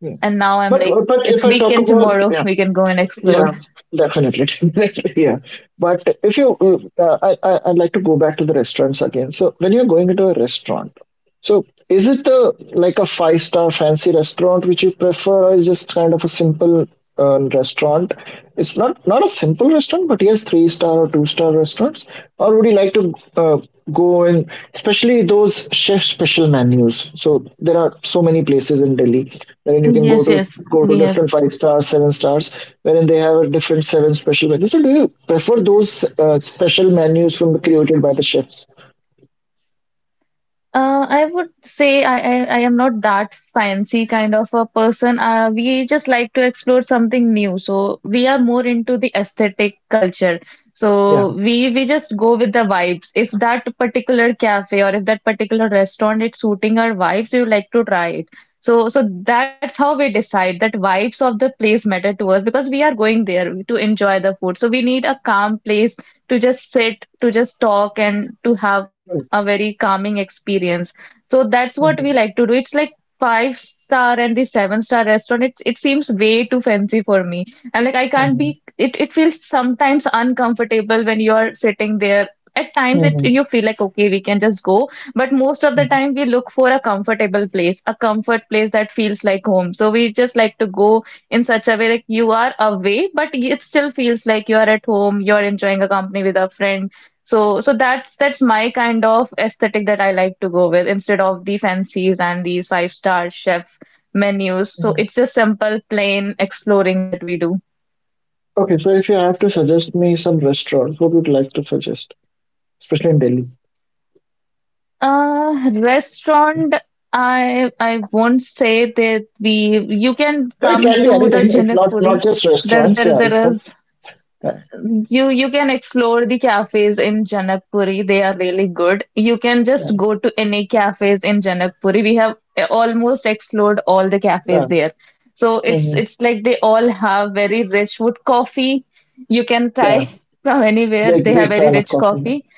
Speaker 1: Yeah.
Speaker 2: And now I'm
Speaker 1: But
Speaker 2: like,
Speaker 1: but
Speaker 2: it's
Speaker 1: if I talk
Speaker 2: weekend
Speaker 1: about,
Speaker 2: tomorrow.
Speaker 1: yeah.
Speaker 2: We can go and explore.
Speaker 1: Yeah, definitely. Definitely, yeah. But if you, mm, I, I'd like to go back to the restaurants again. So when you're going into a restaurant, so is it a like a five-star fancy restaurant which you prefer, or is just kind of a simple restaurant? It's not a simple restaurant, but yes, three star or two-star restaurants. Or would you like to go, and especially those chef special menus? So there are so many places in Delhi wherein you can
Speaker 2: Yes, yes,
Speaker 1: go to
Speaker 2: we have.
Speaker 1: different five stars, seven stars, wherein they have a different seven special menus. So do you prefer those special menus from created by the chefs?
Speaker 2: I would say I am not that fancy kind of a person. We just like to explore something new. So we are more into the aesthetic culture.
Speaker 1: Yeah.
Speaker 2: So we just go with the vibes. If that particular cafe or if that particular restaurant is suiting our vibes, we would like to try it. So that's how we decide that vibes of the place matter to us because we are going there to enjoy the food. So we need a calm place to just sit, to just talk, and to have a
Speaker 1: Right.
Speaker 2: very calming experience. So that's what we
Speaker 1: Mhm.
Speaker 2: like to do. It's like five star and the seven-star restaurant. It seems way too fancy for me. I'm like I can't
Speaker 1: Mhm.
Speaker 2: be, it feels sometimes uncomfortable when you're sitting there. At times it
Speaker 1: Mhm.
Speaker 2: you feel like okay, we can just go. But most of the
Speaker 1: Mm,
Speaker 2: time we look for a comfortable place, a comfort place that feels like home. So we just like to go in such a way like you are away, but it still feels like you are at home, you're enjoying a company with a friend, so that's my kind of aesthetic that I like to go with instead of the fancies and these five-star chef menus. So
Speaker 1: mm.
Speaker 2: it's a simple, plain exploring that we do.
Speaker 1: Okay, so if you have to suggest me some restaurants, what would you like to suggest, especially in Delhi?
Speaker 2: Restaurant, I won't say that we you can
Speaker 1: So it
Speaker 2: come
Speaker 1: can be
Speaker 2: to the
Speaker 1: anything. It's not
Speaker 2: Janakpuri.
Speaker 1: just
Speaker 2: There
Speaker 1: restaurants.
Speaker 2: there
Speaker 1: Yeah, it's
Speaker 2: there
Speaker 1: not.
Speaker 2: is
Speaker 1: Yeah,
Speaker 2: You can explore the cafes in Janakpuri. They are really good. You can
Speaker 1: yeah,
Speaker 2: just go to any cafes in Janakpuri. We have almost explored all the cafes
Speaker 1: yeah.
Speaker 2: there. So it's
Speaker 1: Hmm.
Speaker 2: it's like they all have very rich food. Coffee you can
Speaker 1: Yeah.
Speaker 2: try from anywhere. They have
Speaker 1: Big
Speaker 2: very
Speaker 1: fan of
Speaker 2: rich
Speaker 1: coffee.
Speaker 2: coffee.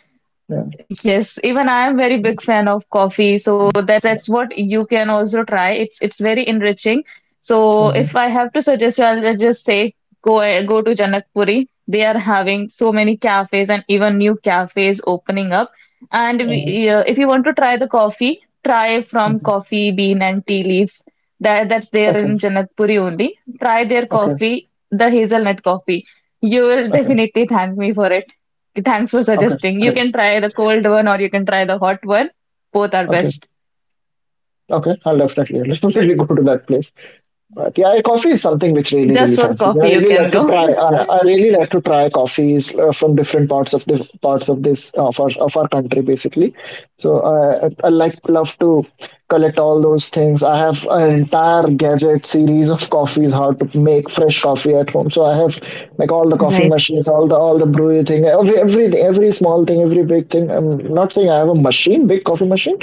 Speaker 1: Yeah,
Speaker 2: Yes, even I am very
Speaker 1: yeah.
Speaker 2: big fan of coffee, so that's what you can also try. It's very enriching. So if I have to suggest you, I'll just say go go to Janakpuri. They are having so many cafes and even new cafes opening up. And
Speaker 1: Mm-hmm.
Speaker 2: if you want to try the coffee, try from
Speaker 1: Hmm.
Speaker 2: Coffee Bean and Tea Leaf. That's there
Speaker 1: Okay,
Speaker 2: in Janakpuri only. Try their
Speaker 1: okay,
Speaker 2: coffee, the hazelnut coffee. You will
Speaker 1: okay,
Speaker 2: definitely thank me for it. Thanks for
Speaker 1: okay.
Speaker 2: suggesting. You
Speaker 1: Great.
Speaker 2: can try the cold one or you can try the hot one. Both are
Speaker 1: Okay,
Speaker 2: best.
Speaker 1: okay. I'll definitely go to that place. But yeah, coffee is something which really,
Speaker 2: Just
Speaker 1: really
Speaker 2: for
Speaker 1: fancy. I
Speaker 2: coffee, you
Speaker 1: really
Speaker 2: can
Speaker 1: like to
Speaker 2: go.
Speaker 1: try. I really like to try coffees from different parts of this, of our country, basically. So I like, love to collect all those things. I have an entire gadget series of coffees, how to make fresh coffee at home. So I have like all the coffee
Speaker 2: Right.
Speaker 1: machines, all the brewery thing, every small thing, every big thing. I'm not saying I have a machine, big coffee machine,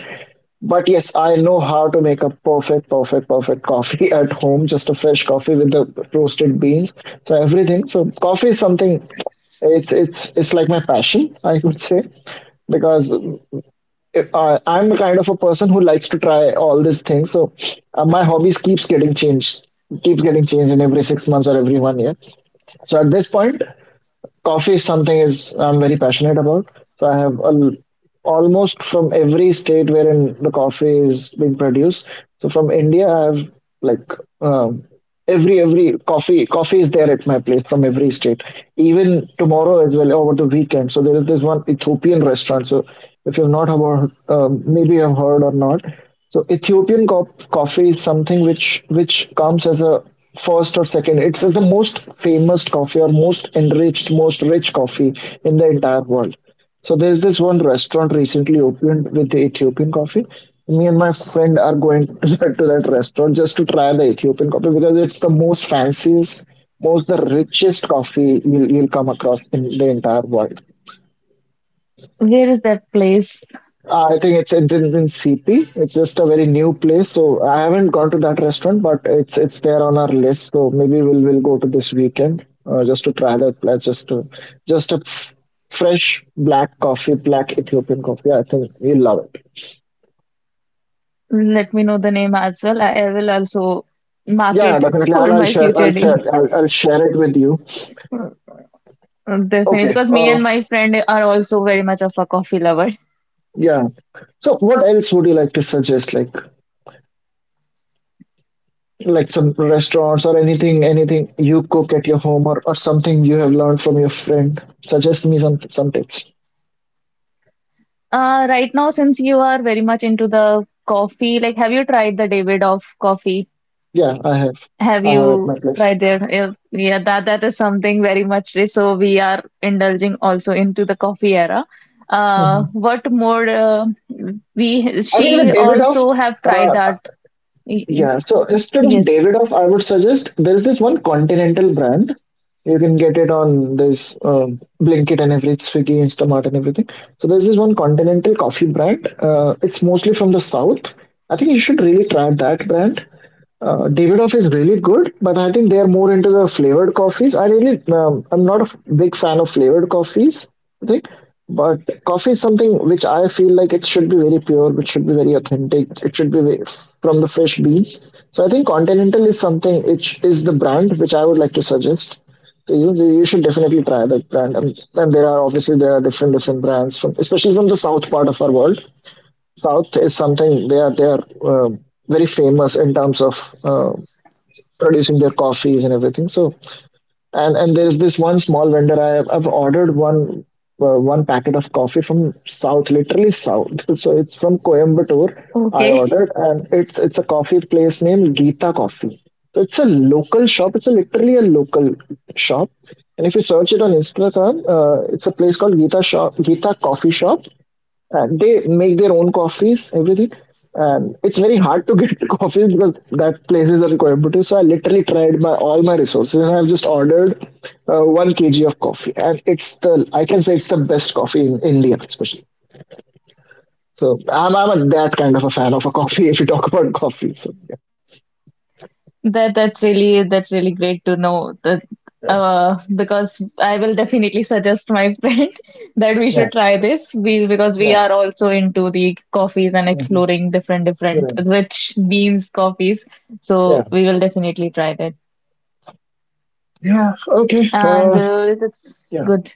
Speaker 1: but yes, I know how to make a perfect coffee at home, just a fresh coffee with the roasted beans. So everything. So coffee is something, it's like my passion, I would say, because I'm the kind of a person who likes to try all these things. So my hobbies keeps getting changed in every 6 months or every one year. So at this point, coffee is something, is I'm very passionate about. So I have al almost from every state wherein the coffee is being produced. So from India, I have like um every coffee is there at my place from every state, even tomorrow as well over the weekend. So there is this one Ethiopian restaurant. So if you've not heard, maybe you've heard or not. So Ethiopian coffee is something which comes as a first or second, it's the most famous coffee, or most enriched, most rich coffee in the entire world. So there's this one restaurant recently opened with the Ethiopian coffee. Me and my friend are going to that restaurant just to try the Ethiopian coffee, because it's the most fanciest, most the richest coffee you'll come across in the entire world.
Speaker 2: Where is that place?
Speaker 1: I think it's in CP. It's just a very new place, so I haven't gone to that restaurant, but it's there on our list. So maybe we'll go to this weekend just to try that place, just to just a f- fresh black coffee, black Ethiopian coffee. I think you'll love it.
Speaker 2: Let me know the name as well. I will also mark
Speaker 1: Yeah,
Speaker 2: it
Speaker 1: definitely.
Speaker 2: for
Speaker 1: I'll
Speaker 2: my
Speaker 1: share.
Speaker 2: future
Speaker 1: I'll share.
Speaker 2: days.
Speaker 1: I'll share it with you.
Speaker 2: Definitely,
Speaker 1: Okay.
Speaker 2: because me and my friend are also very much of a coffee lover.
Speaker 1: Yeah. So, what else would you like to suggest? Like some restaurants or anything, anything you cook at your home, or something you have learned from your friend. Suggest me some tips.
Speaker 2: Right now, since you are very much into the coffee, like, have you tried the Davidoff coffee?
Speaker 1: Yeah, I have.
Speaker 2: Have
Speaker 1: I have at my
Speaker 2: you
Speaker 1: place.
Speaker 2: tried there? Yeah, yeah, that is something very much rich. So we are indulging also into the coffee era.
Speaker 1: Hmm.
Speaker 2: What more? We
Speaker 1: I think the
Speaker 2: she
Speaker 1: Davidoff.
Speaker 2: also have tried
Speaker 1: Uh,
Speaker 2: that. Y- y-
Speaker 1: yeah. So instead of
Speaker 2: Yes.
Speaker 1: Davidoff, I would suggest there is this one continental brand. You can get it on this Blinkit and every Swiggy, Instamart and everything. So there's this one continental coffee brand. It's mostly from the south. I think you should really try that brand. Davidoff is really good, but I think they are more into the flavored coffees. I really, I'm not a big fan of flavored coffees. I think, but coffee is something which I feel like it should be very pure, which should be very authentic. It should be ve- From the fresh beans. So I think Continental is something which is the brand which I would like to suggest to you. You should definitely try that brand, and there are obviously there are different brands from, especially from the south part of our world. South is something they are um very famous in terms of producing their coffees and everything. So, and there is this one small vendor I've ordered one packet of coffee from South, literally South. So it's from Coimbatore. I
Speaker 2: Okay.
Speaker 1: ordered, and it's a coffee place named Geeta Coffee. So it's a local shop. It's a literally a local shop. And if you search it on Instagram, it's a place called Geeta Shop, Geeta Coffee Shop, and they make their own coffees, everything. And it's very hard to get coffees because that places are in Coimbatore. So I literally tried my all my resources, and I've just ordered one kg of coffee, and it's the I can say it's the best coffee in India, especially. So that kind of a fan of a coffee. If you talk about coffee, so yeah,
Speaker 2: That's really that's really great to know that,
Speaker 1: yeah,
Speaker 2: because I will definitely suggest my friend that we
Speaker 1: yeah,
Speaker 2: should try this, we because we
Speaker 1: yeah,
Speaker 2: are also into the coffees and
Speaker 1: mhm,
Speaker 2: exploring different
Speaker 1: yeah,
Speaker 2: rich beans coffees, so
Speaker 1: yeah.
Speaker 2: we will definitely try that.
Speaker 1: Yeah. Okay.
Speaker 2: And it's
Speaker 1: Yeah.
Speaker 2: good.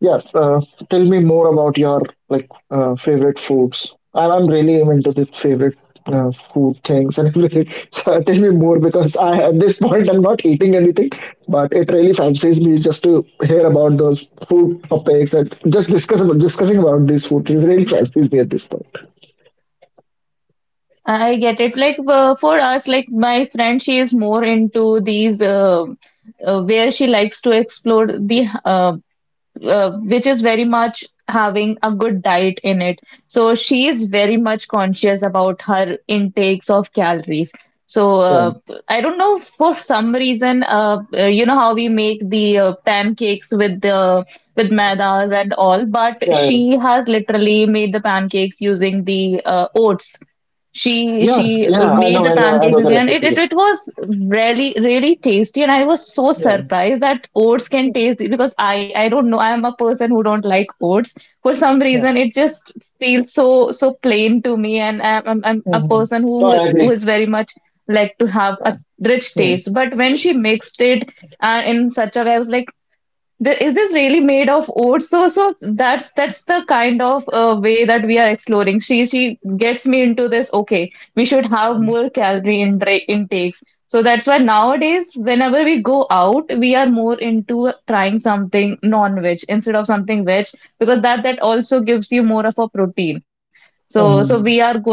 Speaker 1: Yes, tell me more about your like favorite foods. And I'm really into the favorite food things and everything. So tell me more because I at this point I'm not eating anything, but it really fancies me just to hear about those food topics and just discussing about these food things really fancies me at this point.
Speaker 2: I get it, like for us, like my friend, she is more into these where she likes to explore the which is very much having a good diet in it. So she is very much conscious about her intakes of calories. So
Speaker 1: Yeah,
Speaker 2: uh, I don't know, for some reason, you know how we make the pancakes with the with maidas and all, but
Speaker 1: yeah, yeah,
Speaker 2: she has literally made the pancakes using the oats. she
Speaker 1: yeah.
Speaker 2: she
Speaker 1: Yeah, I
Speaker 2: made
Speaker 1: know,
Speaker 2: the
Speaker 1: I
Speaker 2: pancakes
Speaker 1: know
Speaker 2: with
Speaker 1: the
Speaker 2: me, and it, it,
Speaker 1: recipe.
Speaker 2: it was really really tasty, and I was so
Speaker 1: Yeah,
Speaker 2: surprised that oats can taste, because I don't know, I am a person who don't like oats. For some
Speaker 1: yeah.
Speaker 2: reason, it just feels so so plain to me, and I'm a
Speaker 1: Hmm.
Speaker 2: person
Speaker 1: So I
Speaker 2: who
Speaker 1: agree.
Speaker 2: is very much like to have a
Speaker 1: Yeah.
Speaker 2: rich
Speaker 1: Mm-hmm.
Speaker 2: taste. But when she mixed it in such a way, I was like, the, is this really made of oats? So that's the kind of way that we are exploring. She gets me into this. Okay, we should have more intakes. So that's why nowadays, whenever we go out, we are more into trying something non-veg instead of something veg, because that that also gives you more of a protein. So so we are going,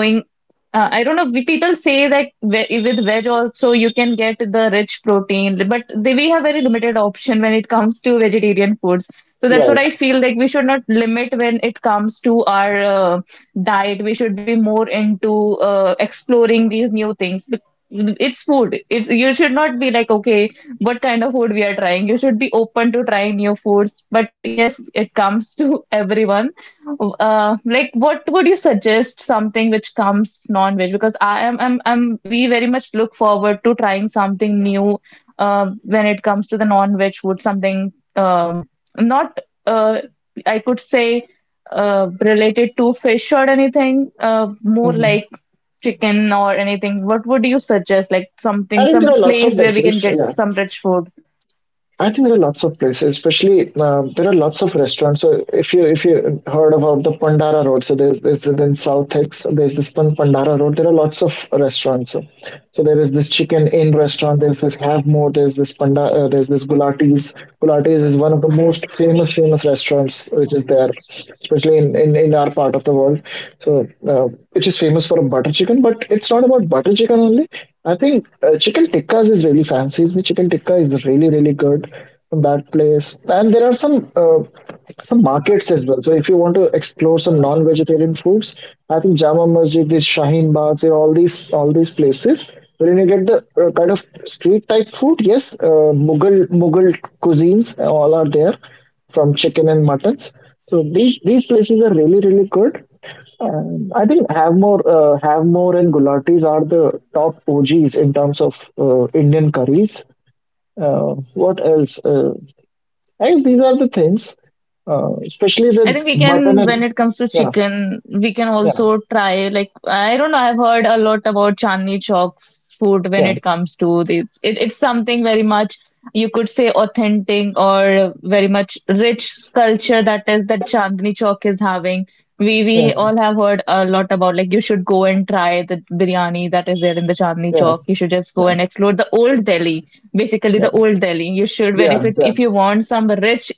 Speaker 2: I don't know. We people say that with veg also you can get the rich protein, but we have very limited option when it comes to vegetarian foods. So that's what I
Speaker 1: Right.
Speaker 2: feel, like we should not limit when it comes to our diet. We should be more into exploring these new things. It's food. It's, you should not be like, okay, what kind of food we are trying. You should be open to trying new foods. But yes, it comes to everyone. Like, what would you suggest something which comes non-veg? Because I am, I'm, we very much look forward to trying something new when it comes to the non-veg food, something not, uh, I could say, related to fish or anything, more
Speaker 1: Hmm.
Speaker 2: like chicken or anything. What would you suggest? Like
Speaker 1: I
Speaker 2: something,
Speaker 1: think there
Speaker 2: some
Speaker 1: are lots of
Speaker 2: place where we can
Speaker 1: dishes.
Speaker 2: get
Speaker 1: Yeah.
Speaker 2: some rich food?
Speaker 1: I think there are lots of places, especially there are lots of restaurants. So if you heard about the Pandara Road, so there's in South Hicks, there's this Pandara Road. There are lots of restaurants. So, so there is this Chicken Inn restaurant. There's this Have More. There's this Panda. There's this Gulati's. Gulati's is one of the most famous restaurants which is there, especially in our part of the world. So which is famous for butter chicken, but it's not about butter chicken only. I think chicken tikkas is really fancy. The chicken tikka is really good from that place, and there are some markets as well. So if you want to explore some non-vegetarian foods, I think Jama Masjid, this Shaheen Bagh, there are all these places where you get the kind of street type food. Yes, Mughal cuisines all are there from chicken and muttons. So these places are really good. I think Havmor, Havmor and Gulati's are the top OGs in terms of Indian curries. What else? I guess these are the things, especially
Speaker 2: I
Speaker 1: with
Speaker 2: think we
Speaker 1: mutton
Speaker 2: can, when
Speaker 1: and
Speaker 2: it comes to
Speaker 1: yeah,
Speaker 2: chicken, we can
Speaker 1: yeah,
Speaker 2: also try, like I don't know. I've heard a lot about Chandni Chowk's food when
Speaker 1: yeah,
Speaker 2: it comes to the, it, it's something very much, you could say, authentic or very much rich culture that is that Chandni Chowk is having. We
Speaker 1: yeah,
Speaker 2: all have heard a lot about, like you should go and try the biryani that is there in the Chandni
Speaker 1: yeah,
Speaker 2: Chowk. You should just go
Speaker 1: yeah,
Speaker 2: and explore the Old Delhi, basically
Speaker 1: yeah,
Speaker 2: the Old Delhi. You should, when
Speaker 1: yeah,
Speaker 2: if it,
Speaker 1: yeah,
Speaker 2: if you want some rich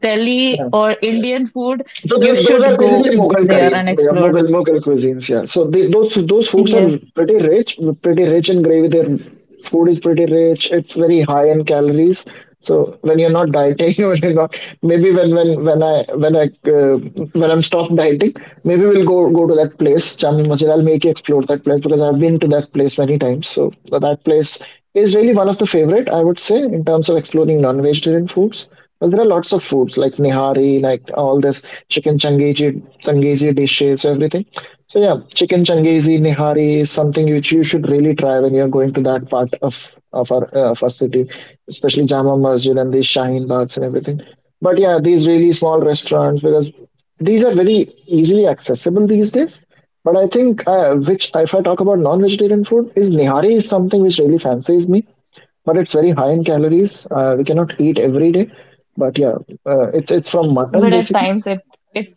Speaker 2: Delhi
Speaker 1: yeah.
Speaker 2: or Indian food,
Speaker 1: So
Speaker 2: you
Speaker 1: those
Speaker 2: should
Speaker 1: are
Speaker 2: go
Speaker 1: basically Mughal
Speaker 2: there
Speaker 1: curries,
Speaker 2: and
Speaker 1: yeah,
Speaker 2: explore.
Speaker 1: Mughal cuisines. Yeah. Those foods are
Speaker 2: Yes,
Speaker 1: pretty rich, in gravy. Their food is pretty rich. It's very high in calories. So when you're not dieting, when you're not, maybe when I when I when I'm stopped dieting, maybe we'll go to that place. Chamni Masjid. I'll make you explore that place because I've been to that place many times. So that place is really one of the favorite I would say in terms of exploring non-vegetarian foods. Well, there are lots of foods like nihari, like all this chicken changezi, dishes, everything. So yeah, chicken changezi, nihari is something which you should really try when you're going to that part of our of our city, especially Jama Masjid and these Shaheen Bags and everything. But yeah, these really small restaurants because these are very easily accessible these days. But I think which if I talk about non-vegetarian food is nihari is something which really fancies me, but it's very high in calories. We cannot eat every day, but yeah, it's from
Speaker 2: but
Speaker 1: mutton
Speaker 2: at
Speaker 1: basically.
Speaker 2: times it it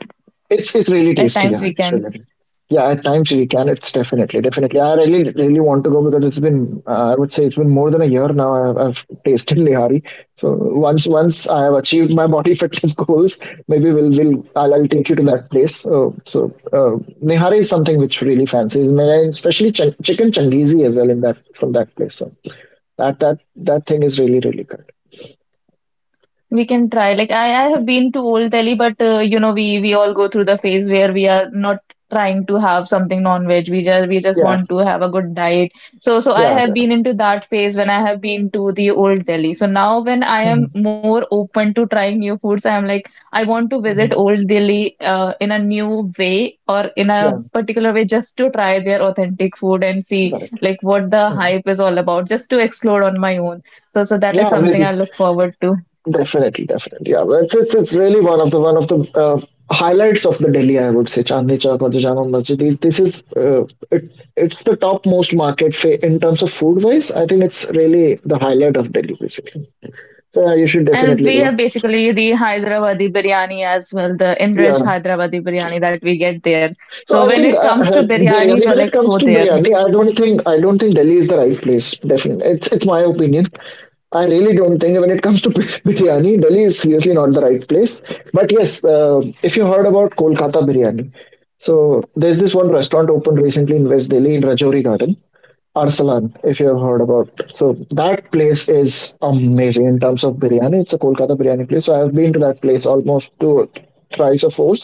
Speaker 1: It's really
Speaker 2: at
Speaker 1: tasty.
Speaker 2: times
Speaker 1: Yeah,
Speaker 2: we
Speaker 1: it's
Speaker 2: can.
Speaker 1: really tasty. Yeah, at times we can. It's definitely definitely. I really want to go because it's been I would say it's been more than a year now. I've tasted nihari. So once I have achieved my body fitness goals, maybe we'll will I'll take you to that place. So so uh, nihari is something which really fancies me, and especially chicken changizi as well in that from that place. So that that that thing is really good.
Speaker 2: We can try. Like, I have been to Old Delhi, but you know, we all go through the phase where we are not trying to have something non-veg. We just
Speaker 1: Yeah,
Speaker 2: want to have a good diet. So so I
Speaker 1: yeah,
Speaker 2: have
Speaker 1: yeah,
Speaker 2: been into that phase when I have been to the Old Delhi. So now when I am
Speaker 1: hmm,
Speaker 2: more open to trying new foods, I am like, I want to visit
Speaker 1: hmm,
Speaker 2: Old Delhi in a new way or in a
Speaker 1: yeah.
Speaker 2: particular way, just to try their authentic food and see
Speaker 1: Got it.
Speaker 2: like what the
Speaker 1: Mm.
Speaker 2: hype is all about, just to explore on my own. So so that is
Speaker 1: Yeah,
Speaker 2: something I
Speaker 1: maybe
Speaker 2: look forward to.
Speaker 1: definitely, definitely. Yeah, well, it's really one of the highlights of the Delhi. I would say Chandni Chowk or the Jama Masjid. This is it, it's the top most market in terms of food wise. I think it's really the highlight of Delhi basically. So yeah, you should
Speaker 2: And
Speaker 1: definitely
Speaker 2: we
Speaker 1: go.
Speaker 2: have basically the Hyderabadi biryani as well, the
Speaker 1: Yeah.
Speaker 2: enriched Hyderabadi biryani that we get there. So
Speaker 1: So I
Speaker 2: when it
Speaker 1: think
Speaker 2: comes to biryani,
Speaker 1: biryani.
Speaker 2: we're
Speaker 1: When
Speaker 2: like,
Speaker 1: it
Speaker 2: go
Speaker 1: comes to
Speaker 2: there.
Speaker 1: biryani, I don't think Delhi is the right place. Definitely, it's my opinion. I really don't think when it comes to biryani, Delhi is seriously not the right place. But yes, if you heard about Kolkata biryani, so there's this one restaurant opened recently in West Delhi in Rajouri Garden. Arsalan, if you have heard about. So that place is amazing in terms of biryani. It's a Kolkata biryani place. So I have been to that place almost two, thrice or four,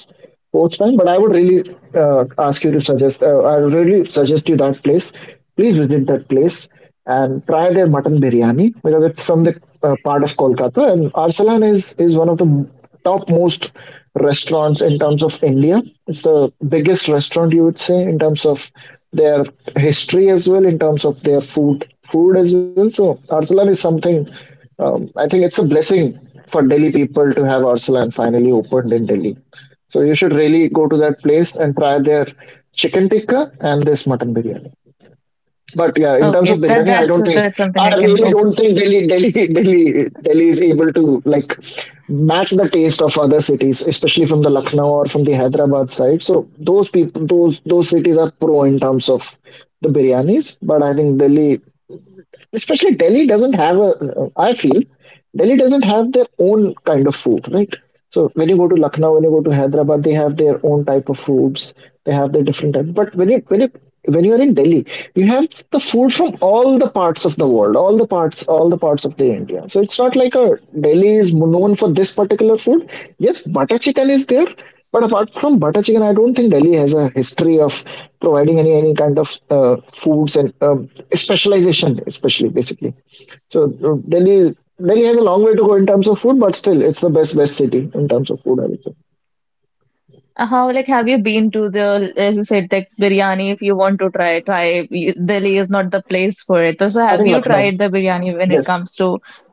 Speaker 1: fourth time. But I would really ask you to suggest. I would really suggest you that place. Please visit that place and try their mutton biryani because it's from the part of Kolkata. And Arsalan is one of the topmost restaurants in terms of India. It's the biggest restaurant you would say in terms of their history as well, in terms of their food as well. So Arsalan is something. I think it's a blessing for Delhi people to have Arsalan finally opened in Delhi. So you should really go to that place and try their chicken tikka and this mutton biryani. But yeah, in terms of
Speaker 2: Okay, that
Speaker 1: biryani,
Speaker 2: that's that's something I
Speaker 1: I
Speaker 2: can go.
Speaker 1: really don't think Delhi, Delhi is able to like match the taste of other cities, especially from the Lucknow or from the Hyderabad side. So those people, those cities are pro in terms of the biryanis, but I think Delhi doesn't have a. I feel Delhi doesn't have their own kind of food, right? So when you go to Lucknow, when you go to Hyderabad, they have their own type of foods. They have their different type. But when you are in Delhi, you have the food from all the parts of the world, all the parts of the India. So it's not like a Delhi is known for this particular food. Yes, butter chicken is there, but apart from butter chicken, I don't think Delhi has a history of providing any kind of foods and specialization, especially basically. So Delhi has a long way to go in terms of food, but still, it's the best city in terms of food, I would say.
Speaker 2: How, like have you been to the, as you said, like biryani? If you want to try, Delhi is not the place for it. So so
Speaker 1: I
Speaker 2: have
Speaker 1: think
Speaker 2: you
Speaker 1: Lucknow.
Speaker 2: tried the biryani when it
Speaker 1: Yes,
Speaker 2: comes to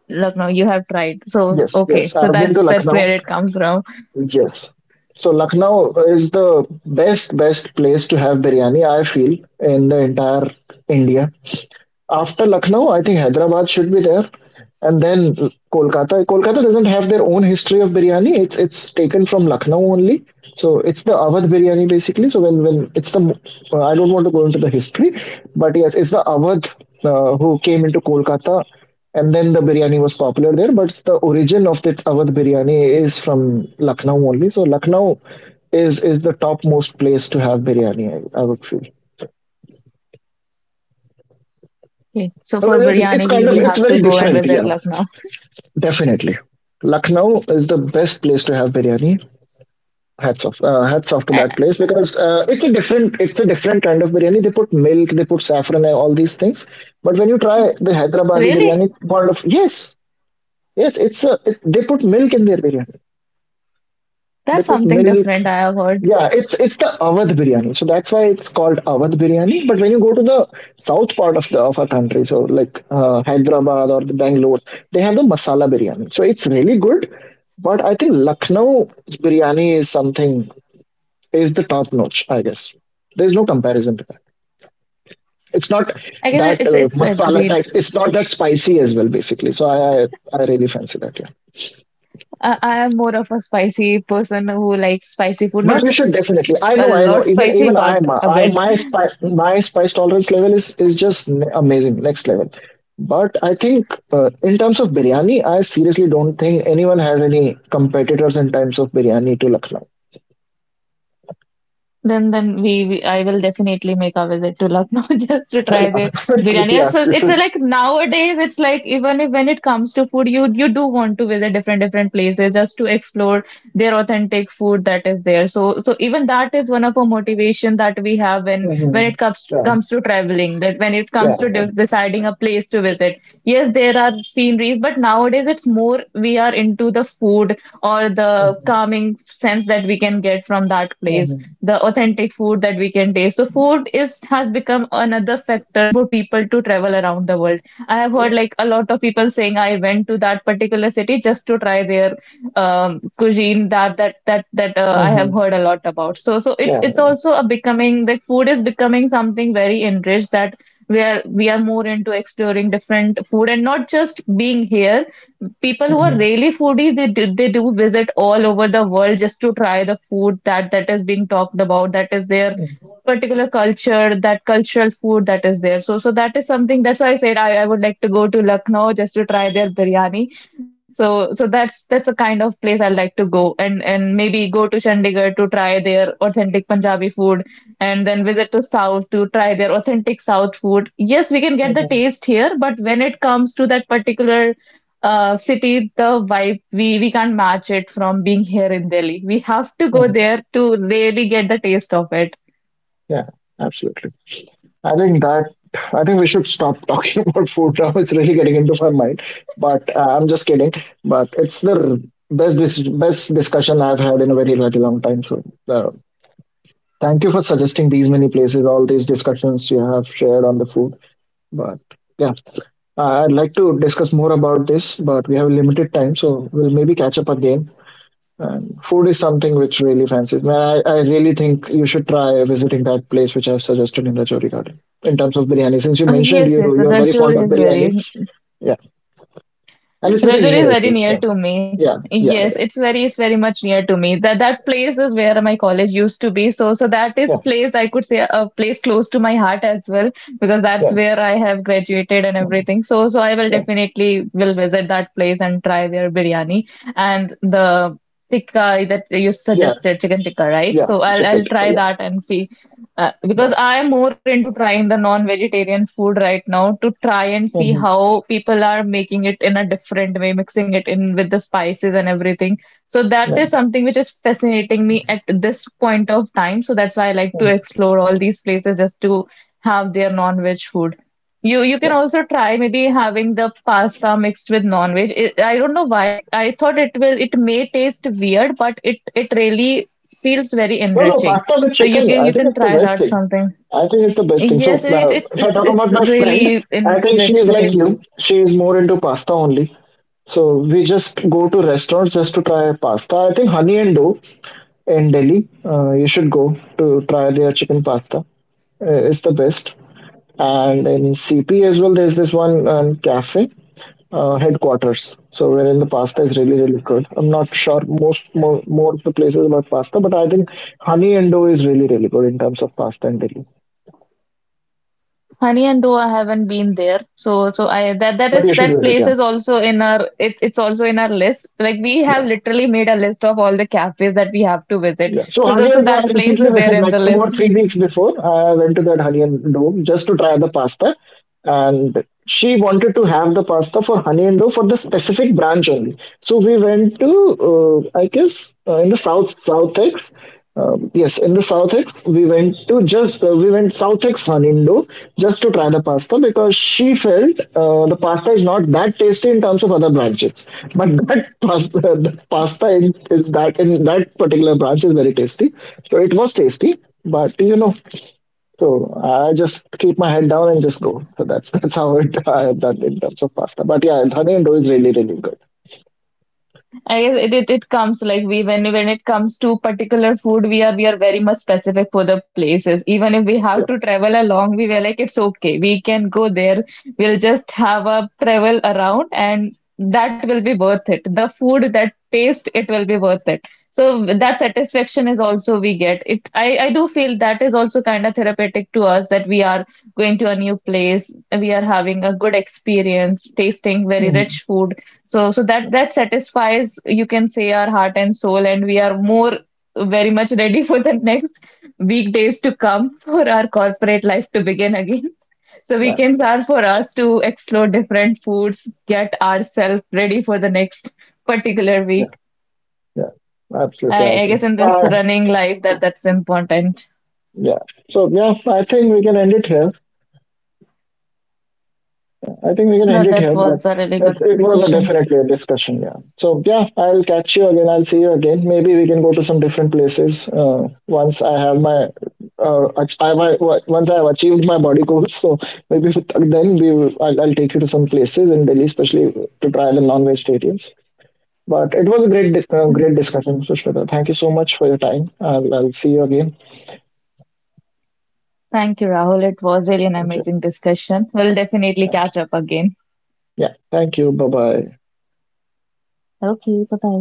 Speaker 2: Lucknow? You have tried. So okay,
Speaker 1: yes.
Speaker 2: so
Speaker 1: I've been to
Speaker 2: that's where
Speaker 1: Lucknow.
Speaker 2: it comes from.
Speaker 1: Yes. So Lucknow is the best place to have biryani. I feel in the entire India. After Lucknow, I think Hyderabad should be there, and then Kolkata. Kolkata doesn't have their own history of biryani. It's taken from Lucknow only. So it's the Awadh biryani basically. So when it's the I don't want to go into the history, but yes, it's the Awadh who came into Kolkata, and then the biryani was popular there. But the origin of that Awadh biryani is from Lucknow only. So Lucknow is the topmost place to have biryani. I would feel.
Speaker 2: Okay, so for
Speaker 1: Well, it,
Speaker 2: biryani,
Speaker 1: it's
Speaker 2: we
Speaker 1: kind of
Speaker 2: have
Speaker 1: it's
Speaker 2: to
Speaker 1: very
Speaker 2: go and
Speaker 1: different.
Speaker 2: visit
Speaker 1: Yeah.
Speaker 2: Lucknow.
Speaker 1: Definitely. Lucknow is the best place to have biryani. Hats off to
Speaker 2: Uh,
Speaker 1: that place because it's a different kind of biryani. They put milk, they put saffron, and all these things. But when you try the Hyderabadi
Speaker 2: really?
Speaker 1: biryani, it's kind of yes, yes, they put milk in their biryani. They
Speaker 2: That's
Speaker 1: put
Speaker 2: something
Speaker 1: milk,
Speaker 2: different I have heard.
Speaker 1: yeah, it's the Awadh biryani. So that's why it's called Awadh biryani. But when you go to the south part of the of our country, so like Hyderabad or the Bangalore, they have the masala biryani. So it's really good. But I think Lucknow biryani is something is the top notch. I guess there's no comparison to that. It's not
Speaker 2: I guess
Speaker 1: that
Speaker 2: it's a
Speaker 1: masala
Speaker 2: great.
Speaker 1: type. It's not that spicy as well, basically. So I really fancy that. Yeah.
Speaker 2: I am more of a spicy person who likes spicy food.
Speaker 1: But you
Speaker 2: Not
Speaker 1: should definitely. I
Speaker 2: a
Speaker 1: know, I know.
Speaker 2: lot
Speaker 1: Even
Speaker 2: spicy,
Speaker 1: even I
Speaker 2: but
Speaker 1: am.
Speaker 2: a
Speaker 1: I
Speaker 2: bit.
Speaker 1: my spice tolerance level is just amazing, next level. But I think in terms of biryani, I seriously don't think anyone has any competitors in terms of biryani to Lucknow.
Speaker 2: Then we I will definitely make a visit to Lucknow just to try the
Speaker 1: Yeah,
Speaker 2: biryani.
Speaker 1: yeah,
Speaker 2: So it's like nowadays, it's like, even if when it comes to food, you do want to visit different places just to explore their authentic food that is there. So so even that is one of our motivation that we have when
Speaker 1: hmm,
Speaker 2: it comes
Speaker 1: yeah,
Speaker 2: comes to traveling. That when it
Speaker 1: yeah,
Speaker 2: comes to de deciding a place to visit, yes, there are sceneries, but nowadays it's more we are into the food or the
Speaker 1: hmm,
Speaker 2: calming sense that we can get from that place, the authentic food that we can taste. So food is has become another factor for people to travel around the world. I have heard, like, a lot of people saying, I went to that particular city just to try their cuisine that I have
Speaker 1: hmm,
Speaker 2: heard a lot about. So so
Speaker 1: yeah,
Speaker 2: it's also a becoming, like food is becoming something very enriched, that we are more into exploring different food and not just being here. People who are really foodie, they do visit all over the world just to try the food that that is being talked about, that is their
Speaker 1: hmm,
Speaker 2: particular culture, that cultural food that is there. So so that is something, that's why I said, I would like to go to Lucknow just to try their biryani. So so that's the kind of place I like to go. And maybe go to Chandigarh to try their authentic Punjabi food, and then visit to south to try their authentic south food. Yes, we can get the taste here, but when it comes to that particular city, the vibe, we can't match it from being here in Delhi. We have to go there to really get the taste of it.
Speaker 1: yeah, absolutely. I think that I think we should stop talking about food now. It's really getting into my mind. But I'm just kidding. But it's the best this best discussion I've had in a very very long time. So uh, thank you for suggesting these many places, all these discussions you have shared on the food. But yeah, I'd like to discuss more about this, but we have limited time, so we'll maybe catch up again, and food is something which really fancies me. And I really think you should try visiting that place which I've suggested in Rajouri Garden in terms of biryani. Since you mentioned
Speaker 2: Yes, the
Speaker 1: you're very fond
Speaker 2: Rajod
Speaker 1: of
Speaker 2: is
Speaker 1: biryani,
Speaker 2: very,
Speaker 1: yeah, and it's very
Speaker 2: Rajor
Speaker 1: near
Speaker 2: is
Speaker 1: as
Speaker 2: very near
Speaker 1: well.
Speaker 2: to me.
Speaker 1: Yeah, yeah,
Speaker 2: Yes,
Speaker 1: yeah,
Speaker 2: it's very, it's very much near to me. That that place is where my college used to be. So so that
Speaker 1: yeah,
Speaker 2: is place, I could say, a place close to my heart as well, because that's
Speaker 1: yeah,
Speaker 2: where I have graduated and
Speaker 1: yeah,
Speaker 2: everything. So so I will
Speaker 1: yeah,
Speaker 2: definitely will visit that place and try their biryani and the tikka that you
Speaker 1: yeah,
Speaker 2: suggested, chicken tikka, right?
Speaker 1: yeah.
Speaker 2: So
Speaker 1: Chicken
Speaker 2: I'll
Speaker 1: tikka,
Speaker 2: try
Speaker 1: yeah,
Speaker 2: that and see.
Speaker 1: yeah,
Speaker 2: Because I'm more into trying the non-vegetarian food right now, to try and see
Speaker 1: hmm,
Speaker 2: how people are making it in a different way, mixing it in with the spices and everything. So that
Speaker 1: yeah,
Speaker 2: is something which is fascinating me at this point of time. So that's why I like to
Speaker 1: mhm.
Speaker 2: explore all these places just to have their non-veg food. You can also try maybe having the pasta mixed with non-veg. It, I don't know why. I thought it will, it may taste weird, but it really feels very
Speaker 1: No, no,
Speaker 2: enriching.
Speaker 1: pasta with
Speaker 2: So you
Speaker 1: chicken.
Speaker 2: can,
Speaker 1: I
Speaker 2: you
Speaker 1: think
Speaker 2: can
Speaker 1: it's the
Speaker 2: try
Speaker 1: best
Speaker 2: that
Speaker 1: thing.
Speaker 2: something.
Speaker 1: I think it's the best thing. So,
Speaker 2: Yes, it it's
Speaker 1: if I
Speaker 2: it's
Speaker 1: talk about
Speaker 2: it's
Speaker 1: my friend,
Speaker 2: really
Speaker 1: I think she
Speaker 2: enrich
Speaker 1: is
Speaker 2: the
Speaker 1: like
Speaker 2: taste.
Speaker 1: you. She is more into pasta only. So we just go to restaurants just to try pasta. I think Honey and Do in Delhi. You should go to try their chicken pasta. It's the best. And in CP as well, there's this one cafe headquarters. So wherein the pasta is really really good. I'm not sure most more of the places about pasta, but I think Honey and Do is really really good in terms of pasta in Delhi.
Speaker 2: Honey and Doa, I haven't been there, so so I, that that
Speaker 1: But
Speaker 2: is,
Speaker 1: you should
Speaker 2: that
Speaker 1: visit,
Speaker 2: place
Speaker 1: yeah,
Speaker 2: is also in our, it's also in our list. Like, we have
Speaker 1: yeah,
Speaker 2: literally made a list of all the cafes that we have to visit.
Speaker 1: yeah. So
Speaker 2: So the,
Speaker 1: Honey
Speaker 2: so
Speaker 1: and Do, I
Speaker 2: that place
Speaker 1: recently
Speaker 2: is there
Speaker 1: visited
Speaker 2: in the
Speaker 1: like two or
Speaker 2: list.
Speaker 1: three weeks before. I went to that Honey and Do just to try the pasta, and she wanted to have the pasta for honey and dough for the specific branch only. So we went to, I guess, in the south, Southex. Yes, in the Southex, we went to just we went Southex honey and dough just to try the pasta because she felt the pasta is not that tasty in terms of other branches, but that pasta, the pasta in, is that in that particular branch is very tasty. So it was tasty, but you know, so I just keep my head down and just go. So that's that's how it I have done in terms of pasta. But yeah, honey and dough is really really good.
Speaker 2: I guess it comes, like we, when it comes to particular food, we are very much specific for the places. Even if we have
Speaker 1: Yeah,
Speaker 2: to travel a long way, we're like, it's okay, we can go there. We'll just have a travel around, and that will be worth it. The food, that taste, it will be worth it. So that satisfaction is also we get. It, I do feel that is also kind of therapeutic to us, that we are going to a new place, we are having a good experience, tasting very
Speaker 1: mhm,
Speaker 2: rich food. So, so that that satisfies, you can say, our heart and soul, and we are more very much ready for the next weekdays to come, for our corporate life to begin again. So
Speaker 1: yeah,
Speaker 2: weekends are for us to explore different foods, get ourselves ready for the next particular
Speaker 1: yeah,
Speaker 2: week.
Speaker 1: yeah. Absolutely, I
Speaker 2: I guess
Speaker 1: agree.
Speaker 2: in this running life, that that's important.
Speaker 1: Yeah. So yeah, I think we can end it here. I think we can end
Speaker 2: That
Speaker 1: it
Speaker 2: that
Speaker 1: here, but
Speaker 2: was a really
Speaker 1: it,
Speaker 2: good
Speaker 1: it was a
Speaker 2: discussion.
Speaker 1: definitely a discussion. Yeah. So yeah, I'll catch you again. I'll see you again. Maybe we can go to some different places once I have my ach- I my once I have achieved my body goals. So maybe with- then we will, I'll take you to some places in Delhi, especially to try the non-vegetarians. But it was a great discussion, Sushmita. Thank you so much for your time. I'll see you again.
Speaker 2: Thank you, Rahul. It was really an
Speaker 1: Thank you.
Speaker 2: amazing discussion. We'll definitely
Speaker 1: Thank
Speaker 2: catch
Speaker 1: you.
Speaker 2: up again.
Speaker 1: Yeah. Thank you. Bye bye.
Speaker 2: Okay, bye bye.